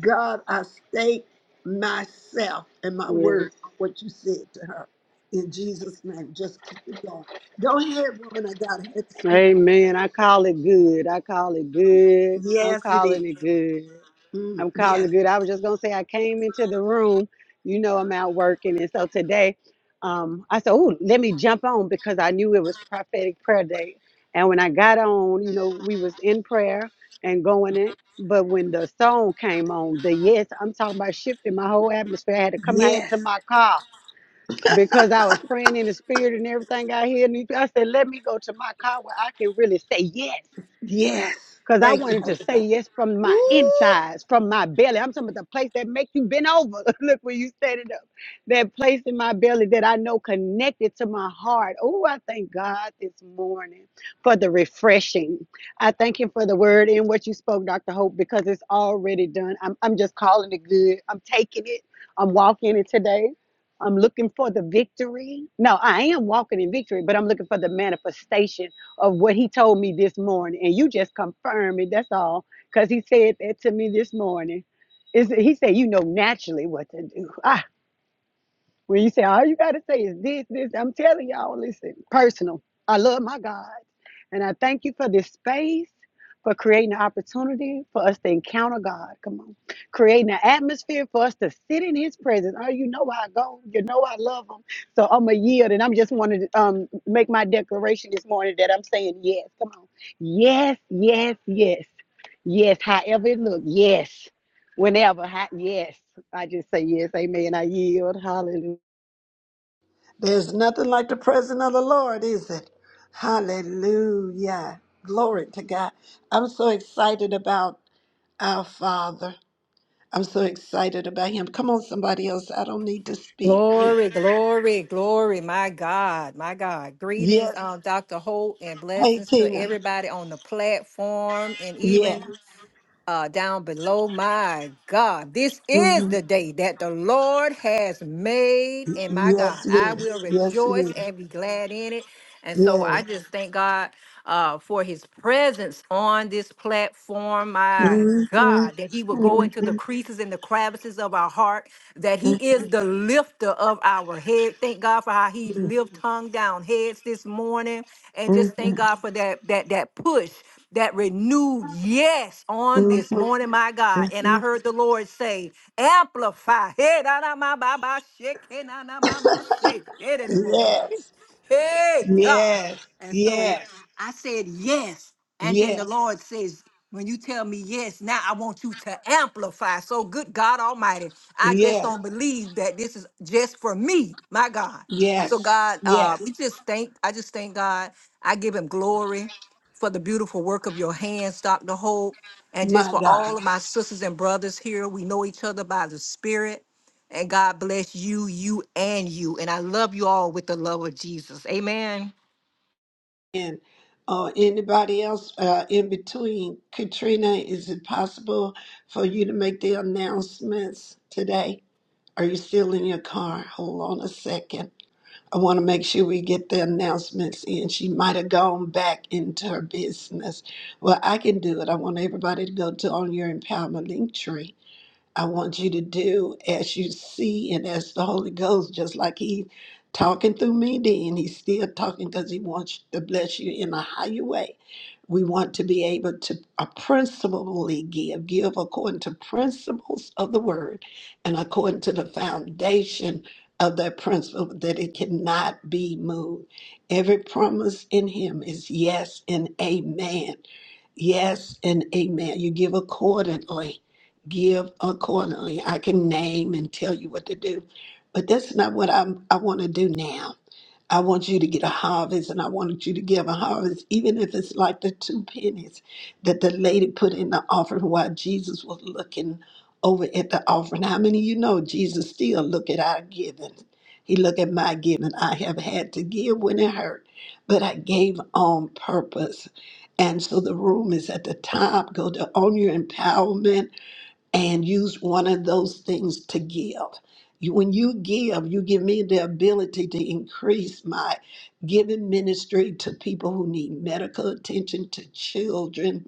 God, I state myself and my
Yes.
word, what you said to her. In Jesus' name, just keep it going. Go ahead, woman. I got to have to speak.
Amen. I call it good. I call it good. I'm
Yes, it is.
calling it good.
Mm,
I'm
yes,
calling good. I was just gonna say I came into the room. You know I'm out working, and so today, um, I said, "Oh, let me jump on" because I knew it was prophetic prayer day. And when I got on, you know, we was in prayer and going it. But when the song came on, the yes, I'm talking about shifting my whole atmosphere. I had to come out
yes,
to my car because I was praying in the spirit and everything out here. And I said, "Let me go to my car where I can really say yes."
yes.
Cause I
Thank you,
wanted to
Holy
say
Ghost.
yes from my
Woo!
insides, from my belly. I'm talking about the place that makes you bend over. Look where you standing up. That place in my belly that I know connected to my heart. Oh, I thank God this morning for the refreshing. I thank him for the word and what you spoke, Dr. Hope, because it's already done. I'm, I'm just calling it good. I'm taking it. I'm walking it today. I'm looking for the victory. No, I am walking in victory, but I'm looking for the manifestation of what he told me this morning. And you just confirm it. That's all. Because he said that to me this morning. Is He said, you know naturally what to do. I when you say all you got to say is this, this, I'm telling y'all, listen, personal. I love my God. And I thank you for this space, for creating an opportunity for us to encounter God. Come on. Creating an atmosphere for us to sit in His presence. Oh, you know I go. You know I love Him. So I'm a yield. And I'm just wanting to um, make my declaration this morning that I'm saying yes. Come on. Yes, yes, yes. Yes, however it look. Yes. Whenever. How, yes. I just say yes. Amen. I yield. Hallelujah.
There's nothing like the presence of the Lord, is it? Hallelujah. Glory to God. I'm so excited about our Father. I'm so excited about Him. Come on, somebody else. I don't need to speak.
Glory, glory, glory, my God, my God. Greetings,
Yes.
um, Dr. Holt, and
Hey,
blessings to
Tina.
everybody on the platform and
Yeah.
even uh, down below. My God, this is
Mm-hmm.
the day that the Lord has made, and my
Yes.
God,
hmm Yes, it
I will
is. Yes, it
rejoice
is.
and be glad in it. And so
Yeah.
I just thank God uh, for His presence on this platform. My
Mhm,
God,
mhm,
that He will
mhm,
go
mhm, mhm.
into the creases and the crevices of our heart, that He is the lifter of our head. Thank God for how He
Yes. Mm-hmm.
lift hung down heads this morning, and just thank
Mm-hmm.
God for that that that push that renewed yes on this
Mm-hmm. Mm-hmm.
morning, my God. And
Mm-hmm.
I heard the Lord say, amplify. Hey, da, da, ma, ba, ba, shake, hey, na, na, ma, ma, shake, hey, da, da, bo.
Yes.
Hey, God.
Yes.
And so
Yes.
I said yes. And then the Lord says, when you tell me yes, now I want you to amplify. So, good God Almighty, I just
Yes.
don't believe that this is just for me, my God. So,
Yes.
God, uh,
Yes.
we just thank, I just thank God. I give him glory for the beautiful work of your hands, Dr. Hope, and just
My
for all
God.
of my sisters and brothers here. We know each other by the Spirit. And God bless you, you, and you. And I love you all with the love of Jesus. Amen.
And uh, anybody else uh, in between, Katrina, is it possible for you to make the announcements today? Are you still in your car? Hold on a second. I want to make sure we get the announcements in. She might have gone back into her business. Well, I can do it. I want everybody to go to on your empowerment link tree I want you to do as you see and as the Holy Ghost, just like He talking through me then, He's still talking because He wants to bless you in a higher way. We want to be able to uh, principally give, give according to principles of the word and according to the foundation of that principle that it cannot be moved. Every promise in Him is yes and amen. Yes and amen. You give accordingly give accordingly. I can name and tell you what to do, but that's not what I'm, I want to do now. I want you to get a harvest and I wanted you to give a harvest, even if it's like the two pennies that the lady put in the offering while Jesus was looking over at the offering. How many of you know Jesus still look at our giving? He look at my giving. I have had to give when it hurt, but I gave on purpose. And so the room is at the top. Go to Own Your Empowerment and use one of those things to give. You- When you give, you give me the ability to increase my giving ministry to people who need medical attention, to children,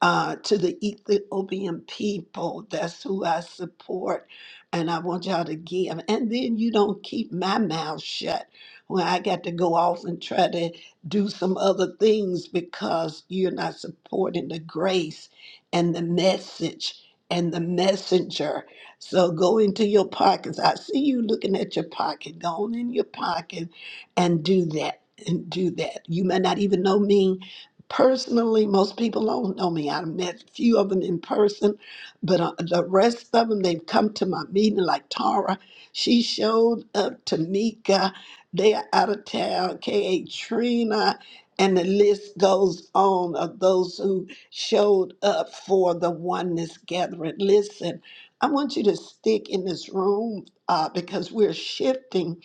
uh, to the Ethiopian people. That's who I support, and I want y'all to give. And then you don't keep my mouth shut when I got to go off and try to do some other things because you're not supporting the grace and the message and the messenger. So go into your pockets. I see you looking at your pocket. Go on in your pocket and do that. And do that. You may not even know me, Personally, most people don't know me. I met a few of them in person, but uh, the rest of them, they've come to my meeting, like Tara. She showed up, Tamika. They're out of town, K.A. Trina, and the list goes on of those who showed up for the oneness gathering. Listen, I want you to stick in this room uh, because we're shifting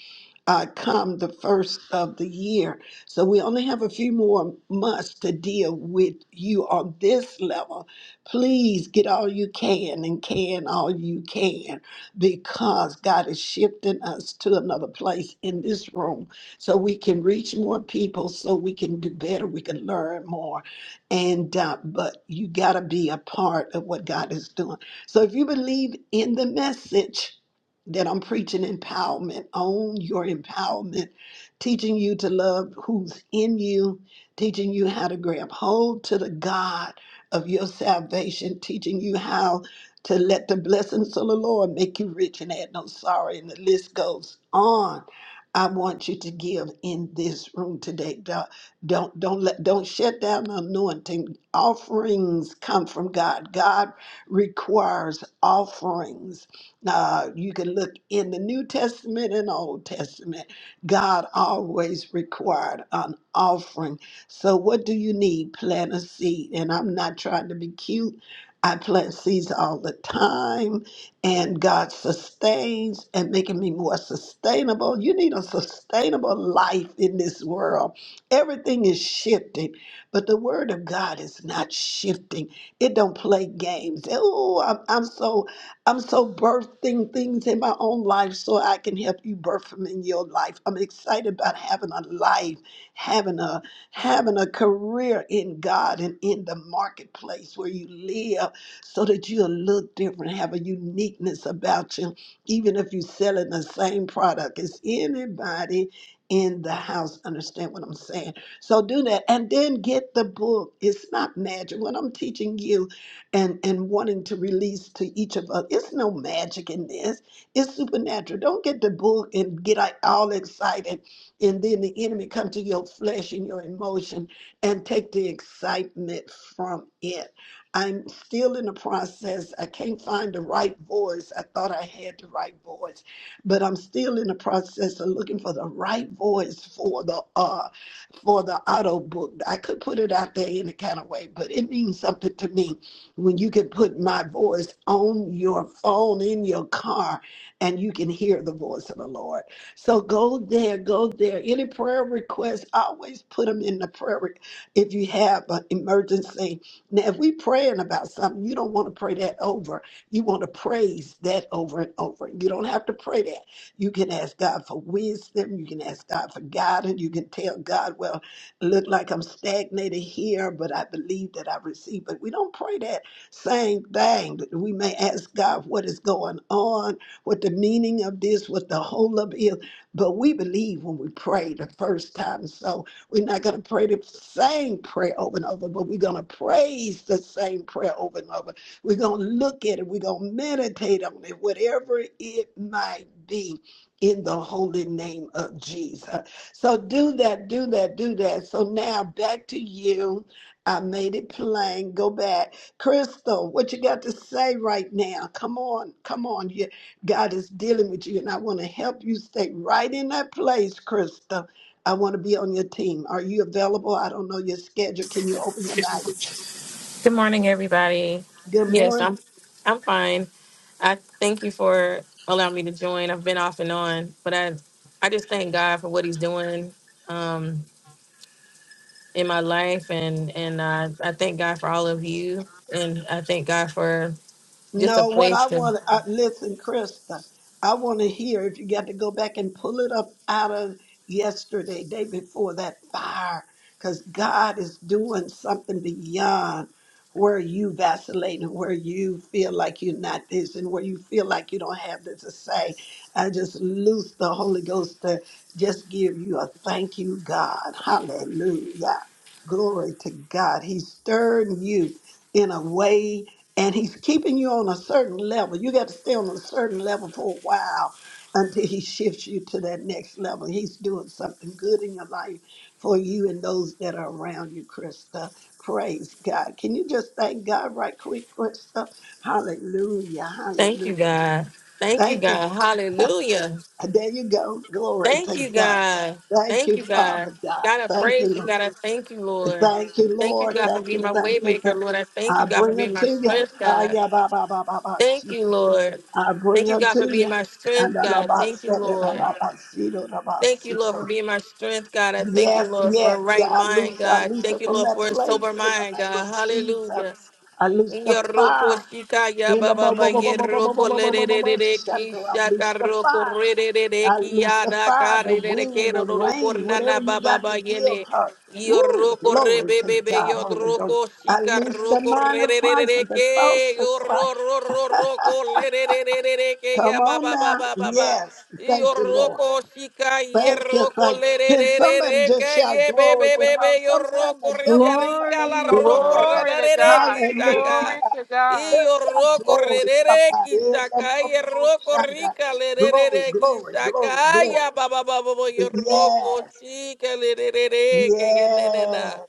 uh, come the first of the year. So we only have a few more months to deal with you on this level. Please get all you can and can all you can because God is shifting us to another place in this room so we can reach more people, so we can do better, we can learn more. And uh, but you got to be a part of what God is doing. So if you believe in the message, that I'm preaching empowerment, own your empowerment teaching you to love who's in you, teaching you how to grab hold to the God of your salvation, teaching you how to let the blessings of the Lord make you rich and add no sorrow. And the list goes on. I want you to give in this room today. Don't don't don't let don't shut down the anointing. Offerings come from God. God requires offerings. Uh, you can look in the New Testament and Old Testament God always required an offering. So, what do you need? Plant a seed. And I'm not trying to be cute. I plant seeds all the time, and God sustains and making me more sustainable. You need a sustainable life in this world. Everything is shifting, but the Word of God is not shifting. It don't play games. Oh, I'm, I'm so I'm so birthing things in my own life so I can help you birth them in your life. I'm excited about having a life, having a having a career in God and in the marketplace where you live so that you'll look different, have a uniqueness about you, even if you're selling the same product. Is anybody in the house understand what I'm saying? So do that and then get the book. It's not magic. What I'm teaching you and and wanting to release to each of us. It's no magic in this. It's supernatural. Don't get the book and get like, all excited, and then the enemy come to your flesh and your emotion and take the excitement from it. I'm still in the process. I can't find the right voice. I thought I had the right voice, but I'm still in the process of looking for the right voice for the uh, for the auto book. I could put it out there in a kind of way, but it means something to me when you can put my voice on your phone in your car and you can hear the voice of the Lord. So go there, go there. Any prayer requests, always put them in the prayer. Re- if you have an emergency, now if we are praying about something, you don't want to pray that over. You want to praise that over and over. You don't have to pray that. You can ask God for wisdom. You can ask God for guidance. You can tell God, well, it look like I'm stagnated here, but I believe that I receive. But we don't pray that same thing. We may ask God what is going on, what the meaning of this, what the whole of is. But we believe when we pray the first time. So we're not going to pray the same prayer over and over, but we're going to praise the same prayer over and over. We're going to look at it. We're going to meditate on it, whatever it might be in the holy name of Jesus. So do that, do that, do that. So now back to you. I made it plain. Go back. Crystal, what you got to say right now? Come on, come on. You, God is dealing with you, and I want to help you stay right in that place, Crystal. I want to be on your team. Are you available? I don't know your schedule. Can you open your mouth?
Good morning, everybody.
Good
Yes,
morning.
I'm I'm fine. I thank you for allowing me to join. I've been off and on, but I I just thank God for what He's doing um, in my life, and and uh, I thank God for all of you, and I thank God for just a
No, what
place
I
to
want to listen, Krista. I want to hear if you got to go back and pull it up out of yesterday, day before that fire, because God is doing something beyond where you vacillate and where you feel like you're not this and where you feel like you don't have this to say. I just loose the Holy Ghost to just give you a thank you, God. Hallelujah. Glory to God. He's stirring you in a way and he's keeping you on a certain level. You got to stay on a certain level for a while until he shifts you to that next level. He's doing something good in your life for you and those that are around you, Krista. Praise God. Can you just thank God right quick, Krista? Hallelujah.
thank you,
Hallelujah.
God. Thank you,
Thank you.
God. Hallelujah.
There you go. Glory
Thank
to
you,
God.
God.
Thank
Thank
you,
you, God.
Father God.
God, I
Thank you,
praise you,
Lord.
God. I thank you, Lord.
Thank you,
Thank you,
Lord.
God, for
Thank
being
you,
my way
thank you.
maker,
Thank
Lord. I thank
I
you, God, for
bring her
being my
to you.
strength,
Ah,
God.
yeah, ba, ba, ba, ba, ba, she
Thank you,
too.
Lord.
I bring
Thank you,
her
God, for
to
being
you.
my strength,
And I love
God.
my
Thank you,
son, and I
Lord.
love my seed, and I love my
Thank
seed.
you, Lord, for being my strength, God. I thank you,
Yes,
Lord, for a
yes, yeah,
right
I
mind,
loose, I
God.
loose her
Thank you,
from
Lord,
that
for a
place
sober
in the
mind,
name
God.
of Jesus.
Hallelujah.
I loose the
Yoroko
fire
shika ya
in the
baba
bo-
ba
bo- bo- bo- bo- bo- bo- bo-
yeroko
bo-
le
bo-
de
bo- bo-
de de
bo-
de ki
shelter. I loose
shaka
the
roko
fire.
re de de de
At
ki
least
ya
the
da
fire,
ka
the
re de de ke
wind, the
ro ro ro ko
rain,
na
whatever
na
you
baba
got
ba
to give
yene.
her. Woo,
Yoroko
glory to
rebebebe
God, Holy Ghost.
yodroko
At
shika
least the
roko
mind of Christ and the thoughts
rererereke
of Christ.
yororororoko lerererereke
Come
ya ba
on
ba ba
now.
ba ba ba
Yes. Thank you, Lord.
yoroko shika
Thank you.
yeroko
Thank you. Can somebody just
lerererereke
shout
ye
glory with her?
bebebebe
Sometimes
yoroko
the devil
rida
be
rika
coming,
la
we
Glory,
don't even
roko
Lord.
know it.
Glory to God.
rararereki
Hallelujah.
shaka
Glory to God.
Iyo
Just shout
roko
glory,
rerere
somebody.
kisakaya roko rika
Glory,
lerere
glory, glory, glory.
kisakaya baba baba bo yo roko
Yes.
shika lerere ke
Yes.
genenena.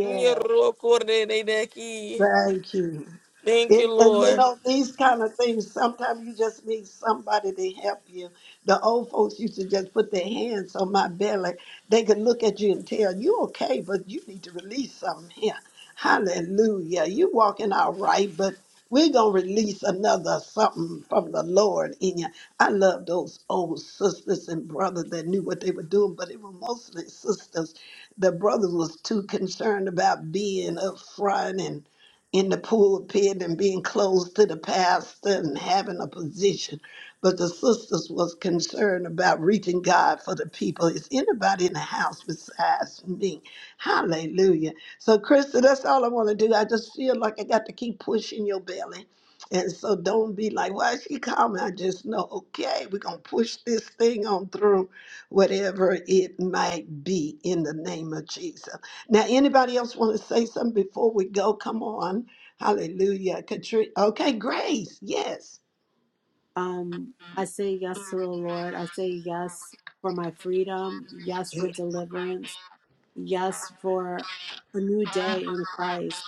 Yo roko rerere ki.
Thank you.
Thank you,
It, and you
Lord.
know, these kind of things, sometimes you just need somebody to help you. The old folks used to just put their hands on my belly. They could look at you and tell, you okay, but you need to release something here. Hallelujah. You walking all right, but we're going to release another something from the Lord in you. I love those old sisters and brothers that knew what they were doing, but it were mostly sisters. The brothers was too concerned about being up front and in the pulpit and being close to the pastor and having a position. But the sisters was concerned about reaching God for the people. Is anybody in the house besides me? Hallelujah. So, Krista, that's all I want to do. I just feel like I got to keep pushing your belly. And so don't be like, why is she coming? I just know, okay, we're going to push this thing on through whatever it might be in the name of Jesus. Now, anybody else want to say something before we go? Come on. Hallelujah. Katrina. Okay, Grace. Yes.
Um, I say yes to the Lord. I say yes for my freedom. Yes for deliverance. Yes, for a new day in Christ.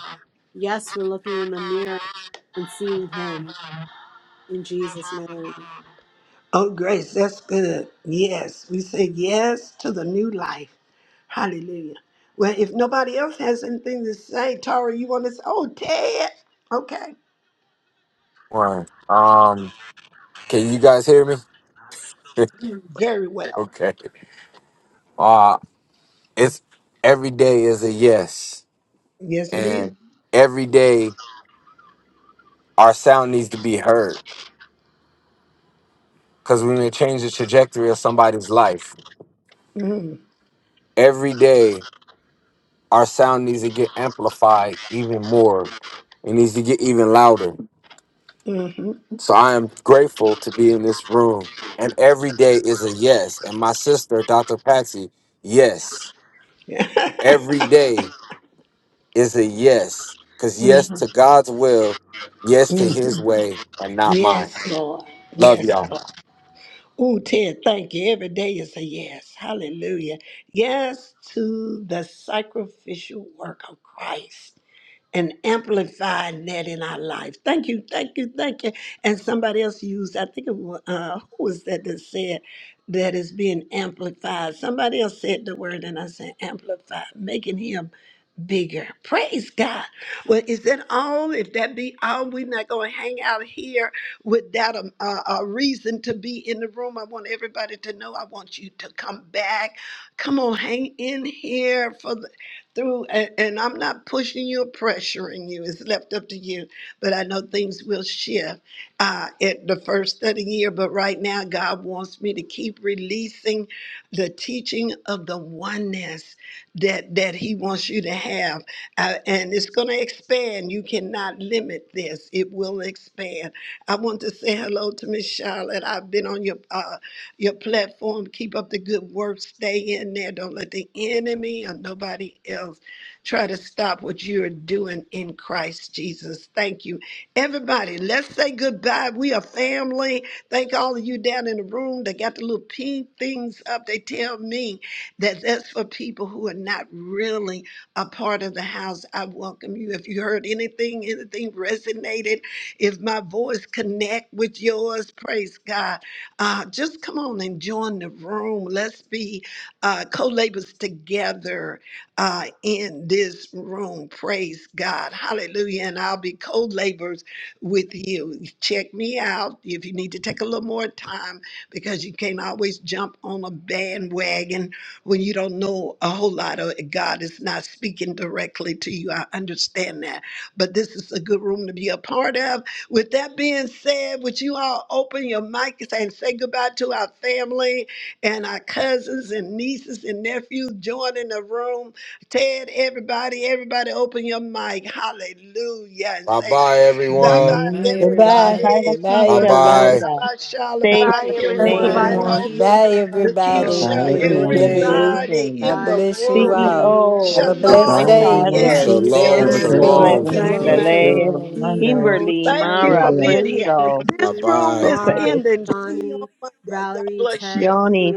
Yes, for looking in the mirror and seeing Him in Jesus' name.
Oh, Grace, that's good. Yes. We say yes to the new life. Hallelujah. Well, if nobody else has anything to say, Tara, you want to say, oh, Ted. Okay.
One. Um, can you guys hear me?
Very well.
okay. Uh it's every day is a yes.
Yes, it is.
And every day our sound needs to be heard. Cause we may change the trajectory of somebody's life.
Mm,
Every day our sound needs to get amplified even more. It needs to get even louder.
mm-hmm.
So I am grateful to be in this room. And every day is a yes. And my sister, Dr. Patsy, yes. Every day is a yes. Because yes
Mhm,
to God's will, yes to
mhm.
his way, and not mine.
Yes, Lord.
Love
Yes,
y'all.
Lord. Oh, Ted, thank you. Every day is a yes. Hallelujah. Yes to the sacrificial work of Christ. and amplifying that in our life. Thank you, thank you, thank you. And somebody else used, I think it was, uh, who was that that said that is being amplified? Somebody else said the word, and I said amplified, making him bigger. Praise God. Well, is that all? If that be all, we're not going to hang out here without a, a, a reason to be in the room. I want everybody to know I want you to come back. Come on, hang in here for the through and, and I'm not pushing you or pressuring you. It's left up to you. But I know things will shift uh, at the first of the year. But right now, God wants me to keep releasing the teaching of the oneness that that he wants you to have Uh, and it's going to expand you cannot limit this it will expand i want to say hello to miss charlotte i've been on your uh, your platform keep up the good work stay in there don't let the enemy or nobody else try to stop what you're doing in Christ Jesus. Thank you. Everybody, let's say goodbye. We are family. Thank all of you down in the room that got the little pink things up. They tell me that that's for people who are not really a part of the house. I welcome you. If you heard anything, anything resonated, if my voice connect with yours, praise God. Uh, just come on and join the room. Let's be uh, co-labors together uh, in this room. Praise God. Hallelujah. And I'll be co laborers with you. Check me out if you need to take a little more time because you can't always jump on a bandwagon when you don't know a whole lot of it. God is not speaking directly to you. I understand that. But this is a good room to be a part of. With that being said, would you all open your mic and say goodbye to our family and our cousins and nieces and nephews joining the room? Ted, everybody, everybody, open your mic. Hallelujah. And
Bye
say,
bye,
bye
everyone.
bye,
Bye,
Amen. Because
everybody.
Goodbye.
everyone.
the
Bye
Goodbye,
Bye
Keisha
bye.
bye.
everybody.
Bye
Linda,
bye, Charlotte.
Have
Bye
a
bye,
Bye,
Stacy
Kimberly
Bye
blessed day,
C.
Goodbye,
everyone.
bye.
Jermaine,
everyone.
Oh, look,
Bye,
Lakeisha.
everybody.
So,
Goodbye,
Lakeisha,
Have a
real
good
their
everyone.
relationship,
day.
everybody
relations.
in
God
the
guy,
bless you
room.
all.
Hermaine,
Have
CEO,
a blessed
Rubai
Goodbye,
Shalom.
Stacy,
day.
everyone.
Charlotte,
Yes,
Stacy,
Peace,
we'll
Shalom,
Have a
look
Miller,
peace,
Blessings,
great
peace.
Shalom,
forward
shalom.
to
Blessings,
Bye
weekend.
seeing
We'll
shalom,
Seul,
see
you.
everybody.
you
Lele,
on
shalom.
Monday.
CEO,
Kimberly,
Thank
Be
you
Charlotte,
Mara,
for
blessed.
being
Lily,
here.
Crystal,
Bye
This
Kimberly,
room
bye.
is
Mara,
Prophet,
ending. See you
Johnny,
on Monday. God
Valerie,
bless
Ted,
you.
Yoni,